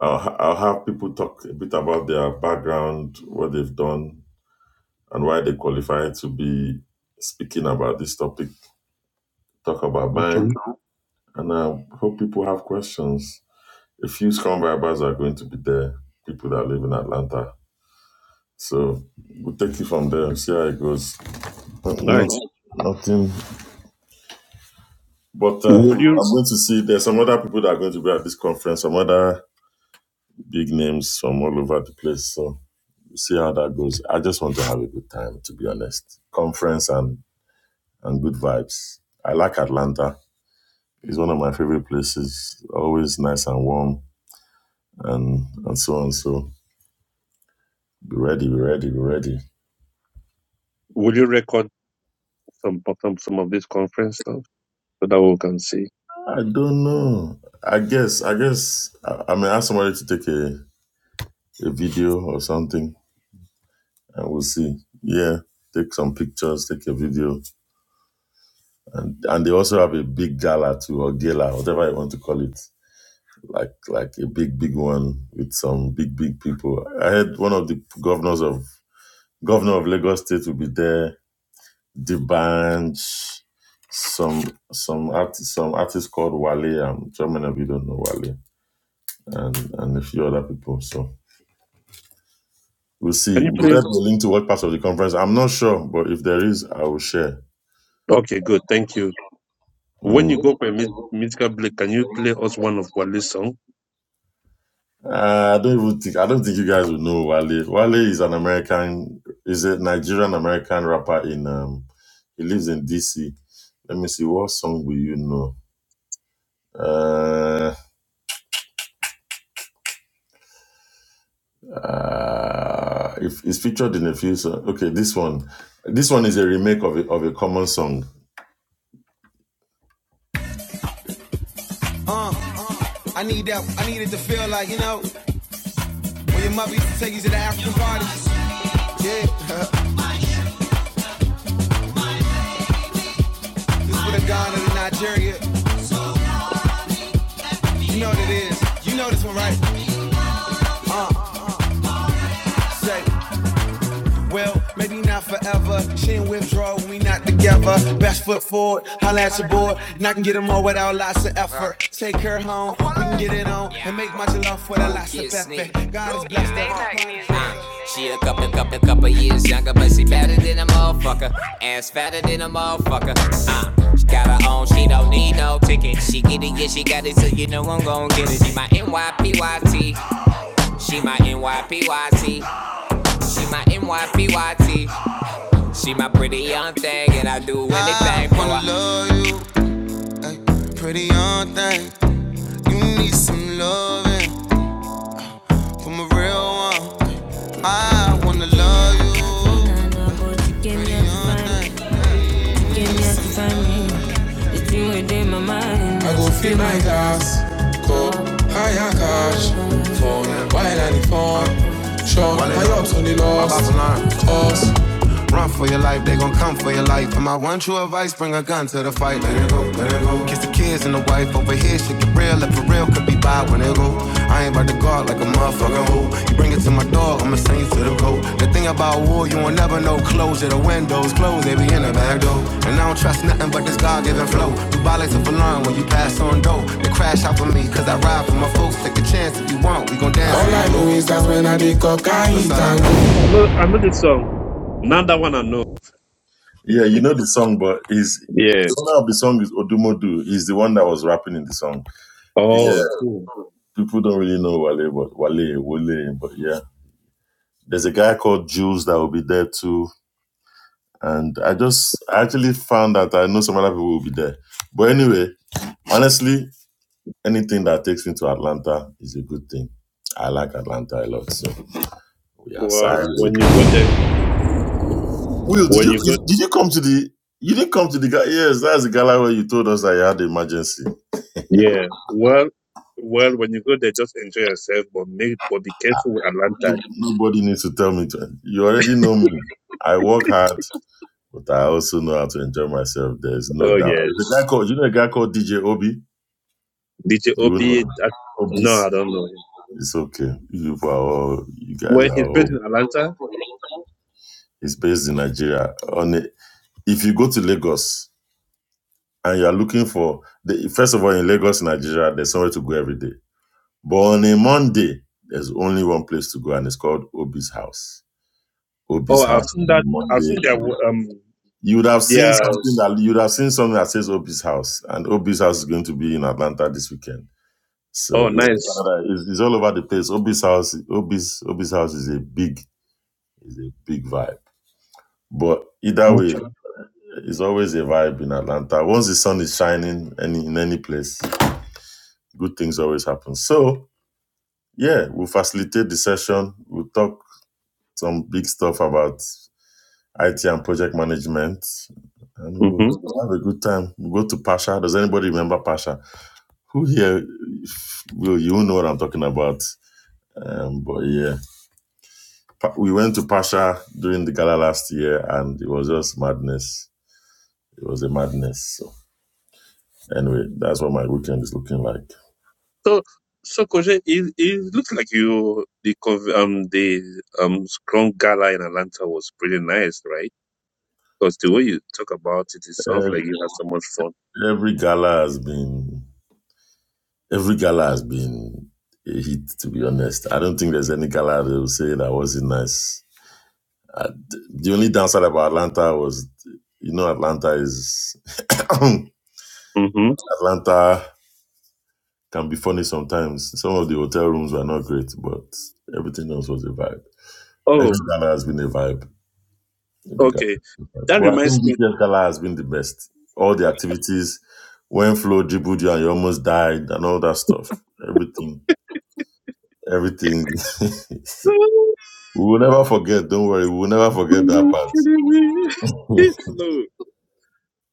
S2: I'll, ha- I'll have people talk a bit about their background, what they've done, and why they qualify to be speaking about this topic. Talk about mine,
S3: Okay.
S2: and I hope people have questions. A few scrum vibers are going to be there, people that live in Atlanta. So we'll take it from there and see how it goes. But Not,
S3: Nice.
S2: nothing. But uh,
S3: Will you
S2: I'm going to see there's some other people that are going to be at this conference, some other big names from all over the place. So We'll see how that goes. I just want to have a good time, to be honest. Conference and and good vibes. I like Atlanta. It's one of my favorite places. Always nice and warm, and and so on. So be ready, be ready, be ready.
S3: will you record some some some of this conference stuff so that we can see?
S2: I don't know. I guess. I guess. I, I may ask somebody to take a a video or something, and we'll see. Yeah. Take some pictures, take a video, and and they also have a big gala too, or gala, whatever you want to call it. like like a big big one with some big big people. I had one of the governors of governor of Lagos State will be there. The Banj, some some artist some artist called Wale. I'm German if you don't know Wale, and and a few other people. So we'll
S3: Can
S2: see.
S3: you
S2: Will
S3: play?
S2: that be linked to what part of the conference? I'm not sure, but if there is, I will share.
S3: Okay, good. Thank you. When
S2: Mm.
S3: you go for a mu- musical break, can you play us one of Wale's song?
S2: Uh, I don't even think I don't think you guys would know Wale. Wale is an American, is a Nigerian American rapper in um he lives in DC. Let me see what song will you know? Uh, uh if it's featured in a few songs. Okay, this one. This one is a remake of a, of a common song.
S1: I need that. I needed to feel like, you know, when your mother used to take you to the African parties. Yeah, this for the Ghana to Nigeria. You know what it is. You know this one, right? Say. Well, maybe not forever. She in withdrawal, we not together. Best foot forward, holla at your boy. And I can get them all without lots of effort. Take her home, we can get it on. And make much love for the lots of effort. God is blessed Uh, she a couple, couple, couple years younger, but she bigger a motherfucker. Ass fat a motherfucker. Uh, she got her own, she don't need no ticket. She get it, yeah, she got it, so you know I'm gon' get it. She my NYPYT. She my NYPYT. She my NYPYT. She my pretty young thing, and I do anything I for wanna love you, ay, pretty young thing. You need some loving from a real one. I wanna love you, pretty young thing. Hash, uniform, short, high ups on the lost. Run for your life, they gon' come for your life. And my one true advice, bring a gun to the fight. Let it go, let it go. Kiss the kids and the wife over here, shit get real. If for real, could be bad when it go. I ain't about to guard like a motherfucking hoe. You bring it to my door, I'ma send you to the road. The thing about war, you won't never know. Closure, the windows closed, they be in the back door. And I don't trust nothing but this God-given flow. You violate of alarm when you pass on dough. They crash out for me, cause I ride for my folks. Take a chance if you want, we gon' dance. Beside-
S3: I know, I know this song. Now that one I know.
S2: Yeah, you know the song, but is
S3: Yeah.
S2: the owner of the song is Odumodu. He's the one that was rapping in the song.
S3: Oh, cool.
S2: Yeah, people don't really know Wale, but Wale, Wale, but yeah. There's a guy called Jules that will be there too. And I just I actually found that I know some other people will be there. But anyway, honestly, anything that takes me to Atlanta is a good thing. I like Atlanta a lot, so we are
S3: Well,
S2: signed.
S3: when you go there,
S2: Will, did
S3: when
S2: you
S3: you go,
S2: did you come to the you didn't come to the guy? Yes, that's the gala where you told us that you had an emergency.
S3: yeah. Well, well, when you go there, just enjoy yourself, but make, but be careful with Atlanta.
S2: No- Nobody needs to tell me. To, you already know me. I work hard, but I also know how to enjoy myself. There's no
S3: Oh
S2: doubt.
S3: yes.
S2: There's a guy called you know a guy called DJ Obi.
S3: DJ
S2: You will
S3: Obi.
S2: know.
S3: I, no, I
S2: Obis.
S3: don't know him.
S2: It's okay. You are all, you guys
S3: Well,
S2: are
S3: he's based in
S2: all,
S3: Atlanta.
S2: it's based in Nigeria. On a, If you go to Lagos and you are looking for, the, first of all, in Lagos, Nigeria, there's somewhere to go every day. But on a Monday, there's only one place to go and it's called Obi's House.
S3: Oh,
S2: Obi's House
S3: I've
S2: on
S3: seen
S2: a
S3: that. I've
S2: Monday.
S3: seen their wo- um
S2: You would have seen
S3: their.
S2: something that, you would have seen something that says Obi's House. And Obi's House is going to be in Atlanta this weekend. So
S3: Oh,
S2: it
S3: nice.
S2: was, it's, it's all over the place. Obi's house, Obi's, Obi's house is a big It's a big vibe. But either way,
S3: Okay.
S2: it's always a vibe in Atlanta. Once the sun is shining any in any place, good things always happen. So yeah, we'll facilitate the session. We'll talk some big stuff about IT and project management. And
S3: Mm-hmm.
S2: we'll have a good time. We'll go to Pasha. Does anybody remember Pasha? Who here will you know what I'm talking about? Um, but yeah, Pa- we went to Pasha during the gala last year, and it was just madness. It was a madness. So. Anyway, that's what my weekend is looking like.
S3: So so Koje, it, it looks like you the conv- um the um Scrum Gala in Atlanta was pretty nice, right? Because the way you talk about it, it sounds
S2: Uh,
S3: like you had so much fun.
S2: every gala has been every gala has been a hit. To be honest, I don't think there's any gala that will say that wasn't nice. Uh, the only downside about Atlanta was, you know, Atlanta is
S3: Mm-hmm.
S2: Atlanta can be funny sometimes. Some of the hotel rooms were not great, but everything else was a vibe. Every gala has been a vibe. Every
S3: Okay, that
S2: But I
S3: reminds
S2: think
S3: me.
S2: this year's gala has been the best. All the activities, when Flo dribbled you and you almost died and all that stuff. Everything. Everything. we will never forget, don't worry, we will never forget that part.
S3: no,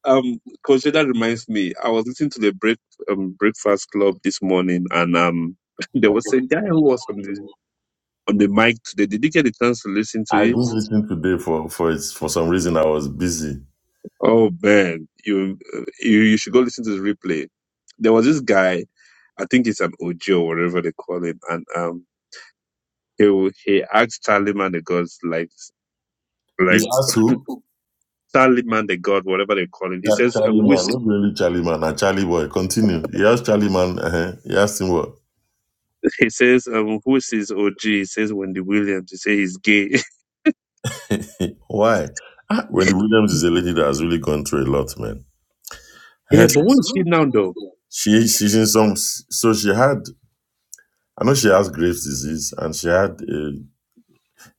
S3: um, Coach, that reminds me. I was listening to the break um, breakfast club this morning, and um, there was a guy who was on the on the mic today. Did you get a chance to listen to
S2: I
S3: it?
S2: didn't listen today for for it's, for some reason I was busy.
S3: Oh man, you uh, you, you should go listen to the replay. There was this guy. I think it's an Ojo, whatever they call him, and um, he wa- he asked Charlie Man the God's like
S2: He
S3: like
S2: asked who?
S3: Charlie Man the God, whatever they call him. He
S2: Cha-
S3: says,
S2: Charlie Man. Not really Charlie Man, and Charlie Boy. Continue. He asked Charlie Man, uh-huh. he asked him what?
S3: He says, um, who says OG? He says Wendy Williams. He says he's gay.
S2: Why? Ah, Wendy Williams is a lady that has really gone through a lot, man. I
S3: yeah,
S2: heard
S3: but what is she now though?
S2: she she's in some so she had I know she has Graves disease and she had a,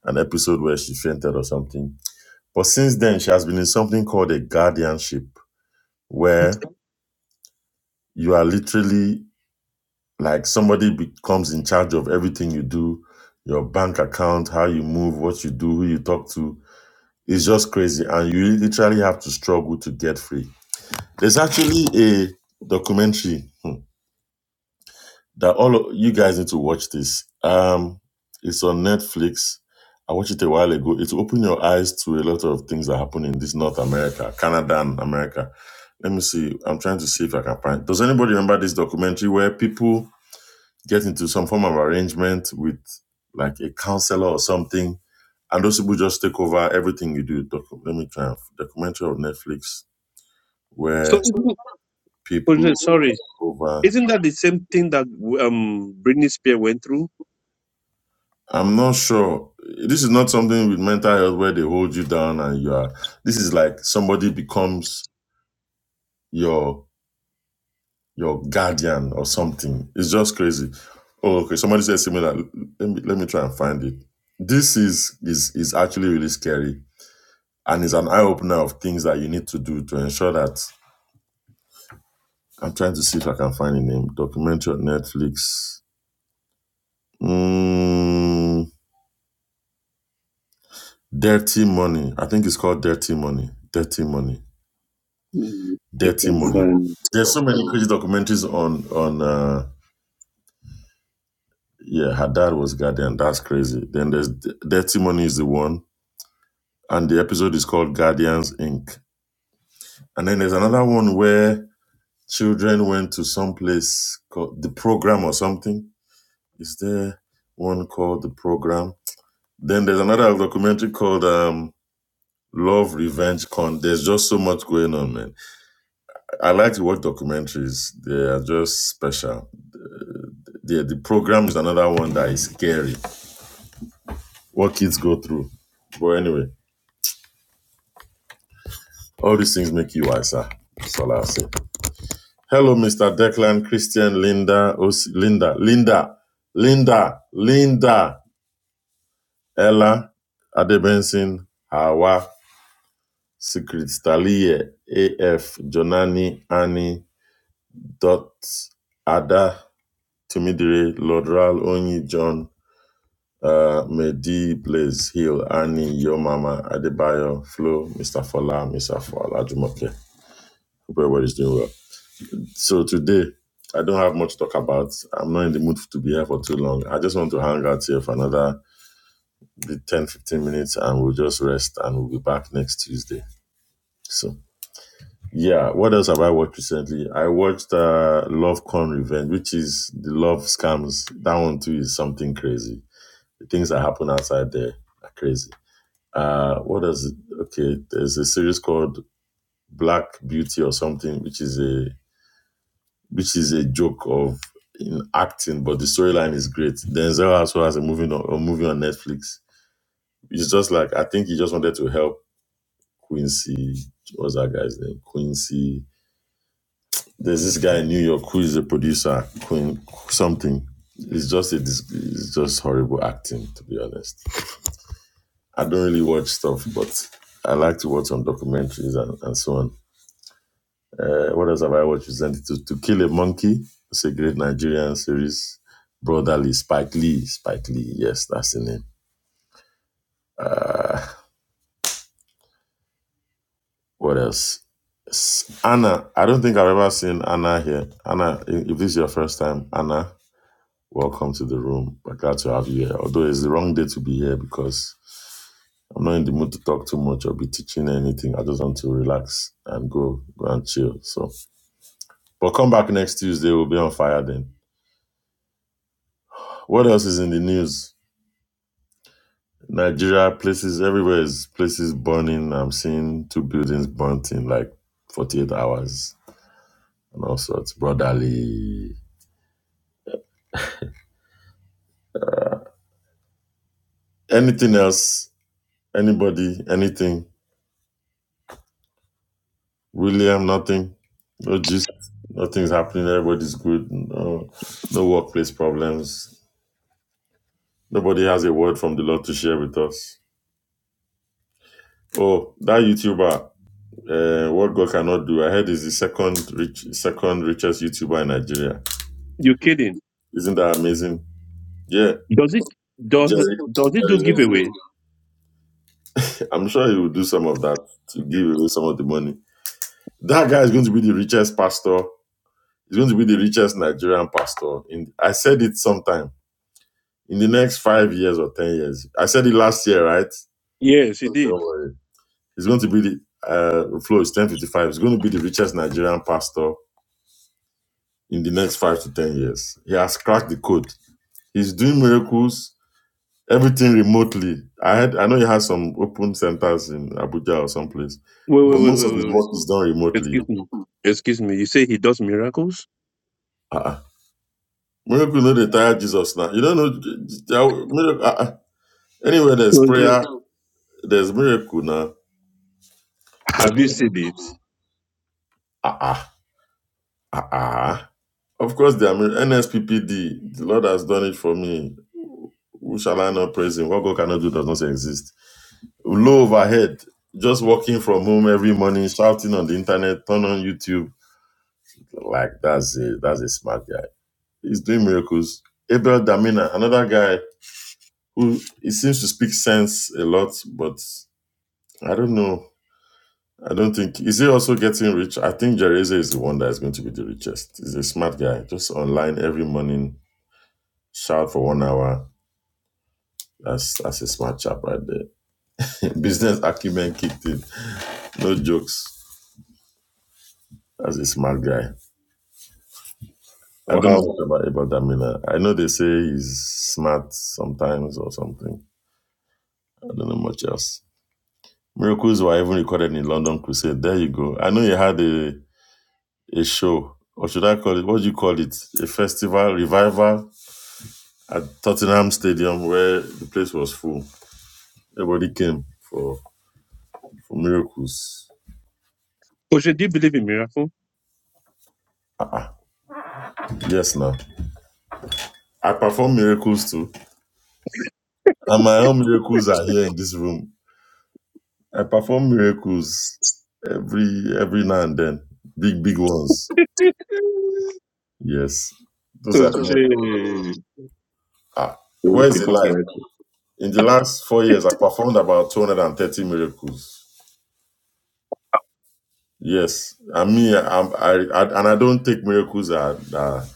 S2: an episode where she fainted or something. But since then she has been in something called a guardianship where you are literally like somebody becomes in charge of everything you do, your bank account, how you move, what you do, who you talk to. It's just crazy and you literally have to struggle to get free. There's actually a documentary hmm, that all of, you guys need to watch this. Um, it's on Netflix. I watched it a while ago. It will open your eyes to a lot of things that happen in this North America, Canada, and America. Let me see. I'm trying to see if I can find. Does anybody remember this documentary where people get into some form of arrangement with like a counselor or something, and those people just take over everything you do? Docu- Let me try. and- Documentary on Netflix
S3: So
S2: where
S3: isn't it- oh,
S2: people
S3: yeah, sorry,
S2: take over.
S3: isn't that the same thing that um Britney Spears went through?
S2: I'm not sure. This is not something with mental health where they hold you down and you are. This is like somebody becomes your your guardian or something. It's just crazy. Oh, okay. Somebody said similar. Let me let me try and find it. This is is is actually really scary and is an eye opener of things that you need to do to ensure that. I'm trying to see if I can find a name. Documentary on Netflix. Mm, Dirty Money. I think it's called Dirty Money. Dirty Money
S3: Mm, it's
S2: Dirty
S3: not
S2: money.
S3: funny.
S2: There's so many crazy documentaries on on. Uh, yeah, her dad was guardian. That's crazy. Then there's D- Dirty Money is the one, and the episode is called Guardians Inc. And then there's another one where children went to some place called the program or something. Is there one called the program? Then there's another documentary called um, Love Revenge Con. There's just so much going on, man. I like to watch documentaries. They are just special. the the program is another one that is scary. What kids go through. But anyway, all these things make you wiser. That's all I'll say. Hello, Mr. Declan, Christian, Linda, Os- Linda, Linda, Linda, Linda, Ella, Adebenson, Hawa, Secrets, Talie, AF, Jonani, Annie, Dot, Ada, Timidire, Lodral, Onyi, John, Uh, may Blaze Hill, Annie, Yo Mama, Adebayo, Flo, Mr. Fola, Mr. Fola, Jumoke. Hope everybody's doing well. So today, I don't have much to talk about. I'm not in the mood to be here for too long. I just want to hang out here for another the 10 15 minutes and we'll just rest and we'll be back next Tuesday. So, yeah, what else have I watched recently? I watched uh, Love Con Revenge, which is the love scams. That one too is something crazy. The things that happen outside there are crazy. Uh, what is it? Okay, there's a series called Black Beauty or something, which is a which is a joke of in acting, but the storyline is great. Denzel also has a movie on a movie on Netflix. It's just like I think he just wanted to help Quincy. What's that guy's name? Quincy. There's this guy in New York who is a producer, Queen something. It's just a it's just horrible acting, to be honest. I don't really watch stuff, but I like to watch some documentaries and, and so on Uh, what else have I watched recently? To, to Kill a Monkey. It's a great Nigerian series. Brotherly, Spike Lee. Spike Lee, yes, that's the name. Uh, what else? S- Anna. I don't think I've ever seen Anna here. Anna, i- if this is your first time, Anna, welcome to the room. We're glad to have you here. Although it's the wrong day to be here because I'm not in the mood to talk too much or be teaching anything. I just want to relax and go, go and chill. So, but come back next Tuesday. We'll be on fire then. What else is in the news? Nigeria, places everywhere is places burning. I'm seeing two buildings burnt in like 48 hours and all sorts. Brotherly. Anything else? Anybody? Anything? William, nothing. No gist. Nothing's happening. Everybody's good. No, no workplace problems. Nobody has a word from the Lord to share with us. Oh, that YouTuber, uh, what God cannot do. I heard is the second rich, second richest YouTuber in Nigeria.
S3: You kidding?
S2: Isn't that amazing? Yeah.
S3: Does it does
S2: Jerry,
S3: does it
S2: Jerry
S3: do
S2: Lindsay.
S3: giveaway?
S2: I'm sure he will do some of that to give away some of the money. That guy is going to be the richest pastor. He's going to be the richest Nigerian pastor. In I said it sometime in the next five years or ten years. I said it last year, right?
S3: Yes, he did.
S2: Don't worry. He's going to be the uh, flow is ten fifty five. He's going to be the richest Nigerian pastor in the next five to ten years. He has cracked the code. He's doing miracles. everything remotely. I had I know he has some open centers in Abuja or someplace,
S3: Wait, wait,
S2: but
S3: wait,
S2: most
S3: wait,
S2: of
S3: wait,
S2: his
S3: wait.
S2: work is done remotely.
S3: Excuse me. Excuse me. You say he does miracles?
S2: Uh-uh. Miracle know they tire Jesus now. You don't know j- j- miracle. Uh-uh. Anywhere there's
S3: Oh, yeah.
S2: prayer, there's miracle now.
S3: Have you seen it?
S2: Uh-uh. Uh-uh. Of course, there are mir- NSPPD. The Lord has done it for me. Who shall I not praise him? What God cannot do does not exist. Low overhead, just working from home every morning, shouting on the internet, turn on YouTube Like that's a that's a smart guy. He's doing miracles. Abel Damina, another guy who he seems to speak sense a lot, but I don't know. I don't think is he also getting rich? I think Jereza is the one that is going to be the richest. He's a smart guy. Just online every morning, shout for one hour. That's that's a smart chap right there. Business acumen kicked in. No jokes. That's a smart guy. I don't know
S3: Wow.
S2: what about Abel Damina. I know they say he's smart sometimes or something. I don't know much else. Miracles were even recorded in London Crusade. There you go. I know you had a, a show, or should I call it, what do you call it? A festival, revival at Tottenham Stadium where the place was full. Everybody came for, for miracles.
S3: Oje, do you believe in miracle?
S2: Yes, now. I perform miracles too. And my own miracles are here in this room. I perform miracles every every now and then. Big, big ones. Yes. Those are
S3: Because
S2: the miracles. Ah, where is the
S3: people
S2: light?
S3: cry.
S2: In the last four years, I performed about 230 miracles. Yes, I mean, I'm, I, I and I don't take miracles that that,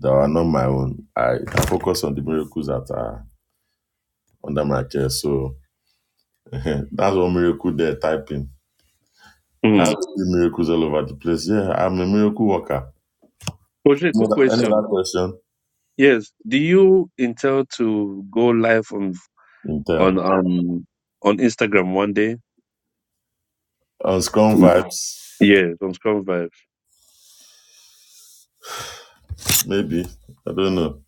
S2: that are not my own. I, I focus on the miracles that are under my care. So that's one miracle there typing. I
S3: Mm.
S2: see miracles all over the place. Yeah, I'm a miracle worker.
S3: Coach,
S2: Any
S3: quick
S2: other, any
S3: question.
S2: other question?
S3: Yes, do you intend to go live on
S2: Intel
S3: on um on Instagram one day?
S2: on Scrum
S3: Mm.
S2: vibes,
S3: Yes, on Scrum Vibes.
S2: maybe. I don't know.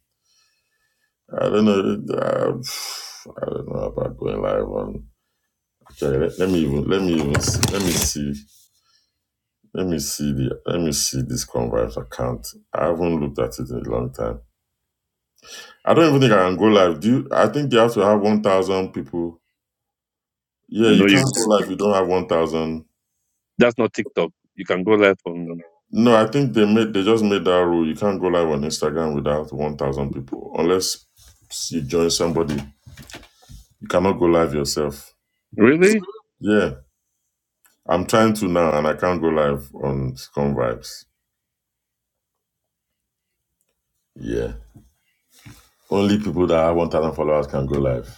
S2: I don't know. Uh, I don't know about going live on Okay, let, let me even let me even let me see let me see the let me see this convives account. I haven't looked at it in a long time. I don't even think I can go live. Do you, I think you have to have one thousand people? Yeah, you
S3: No, you
S2: can't go
S3: can.
S2: live if you don't have one thousand.
S3: That's not TikTok. You can go live on.
S2: No, I think they made they just made that rule. You can't go live on Instagram without one thousand people unless you join somebody. You cannot go live yourself.
S3: Really?
S2: Yeah, I'm trying to now, and I can't go live on convives. Yeah, only people that have one thousand followers can go live.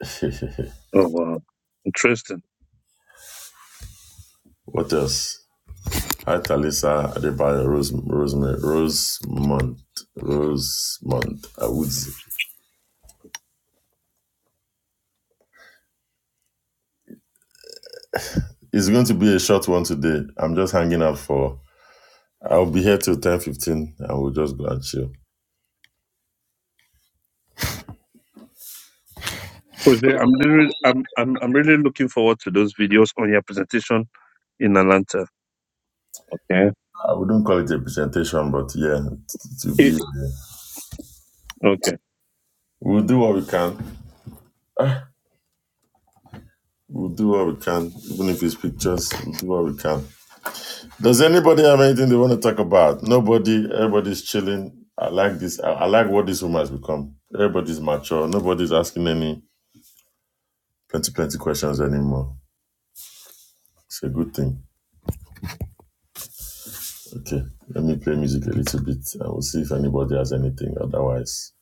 S3: Oh wow, interesting.
S2: what else? Hi, Talisa Adebayo Rosemont. Rosemont. Rosemont. Awuzie. It's going to be a short one today. I'm just hanging out for. I'll be here till ten fifteen, and we'll just go and chill.
S3: Coach, I'm really, I'm, I'm, I'm really looking forward to those videos on your presentation in Atlanta. Okay.
S2: I wouldn't call it a presentation, but yeah, it will
S3: Eh,
S2: be. uh,
S3: Okay.
S2: We'll do what we can. We'll do what we can, even if it's pictures. We'll do what we can. Does anybody have anything they want to talk about? Nobody. Everybody's chilling. I like this. I, I like what this room has become. Everybody's mature. Nobody's asking any plenty, plenty questions anymore. It's a good thing. Okay, let me play music a little bit and we'll see if anybody has anything. Otherwise,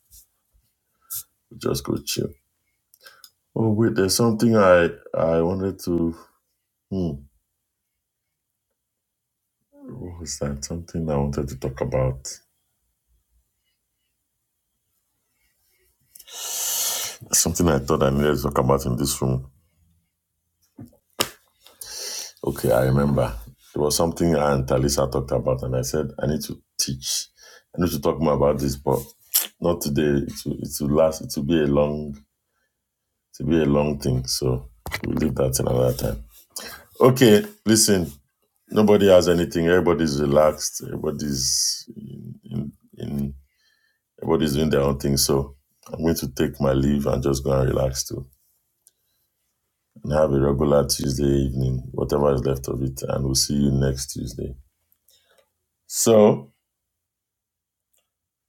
S2: we'll just go chill. Oh wait, there's something I I wanted to. Hmm, what was that? Something I wanted to talk about. Something I thought I needed to talk about in this room. Okay, I remember. It was something I and Talisa talked about, and I said, I need to teach. I need to talk more about this, but not today. It will, it will last. It will be a long, it will be a long thing. So we'll leave that till another time. Okay, listen. Nobody has anything. Everybody's relaxed. Everybody's in, in, in everybody's doing their own thing. So I'm going to take my leave and just go and relax too, and have a regular Tuesday evening, whatever is left of it, and we'll see you next Tuesday. So.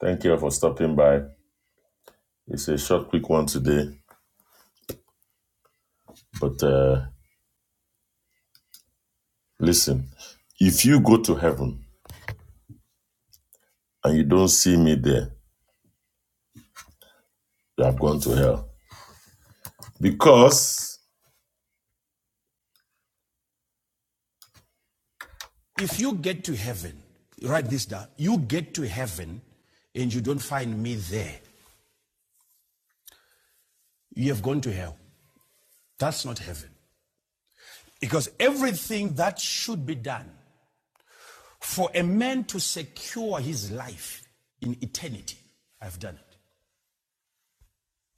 S2: Thank you for stopping by. It's a short, quick one today. But uh, listen, if you go to heaven and you don't see me there, you have gone to hell. Because,
S1: If you get to heaven, write this down. You get to heaven and you don't find me there. You have gone to hell. That's not heaven. Because everything that should be done for a man to secure his life in eternity, I've done it.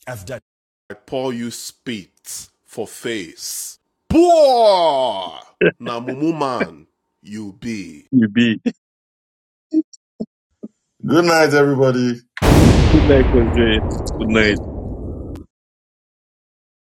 S1: I've done it. I pour you spit for face. Poor! Na man you be.
S3: you be.
S2: good night, everybody.
S3: Good night, Coach. Good night.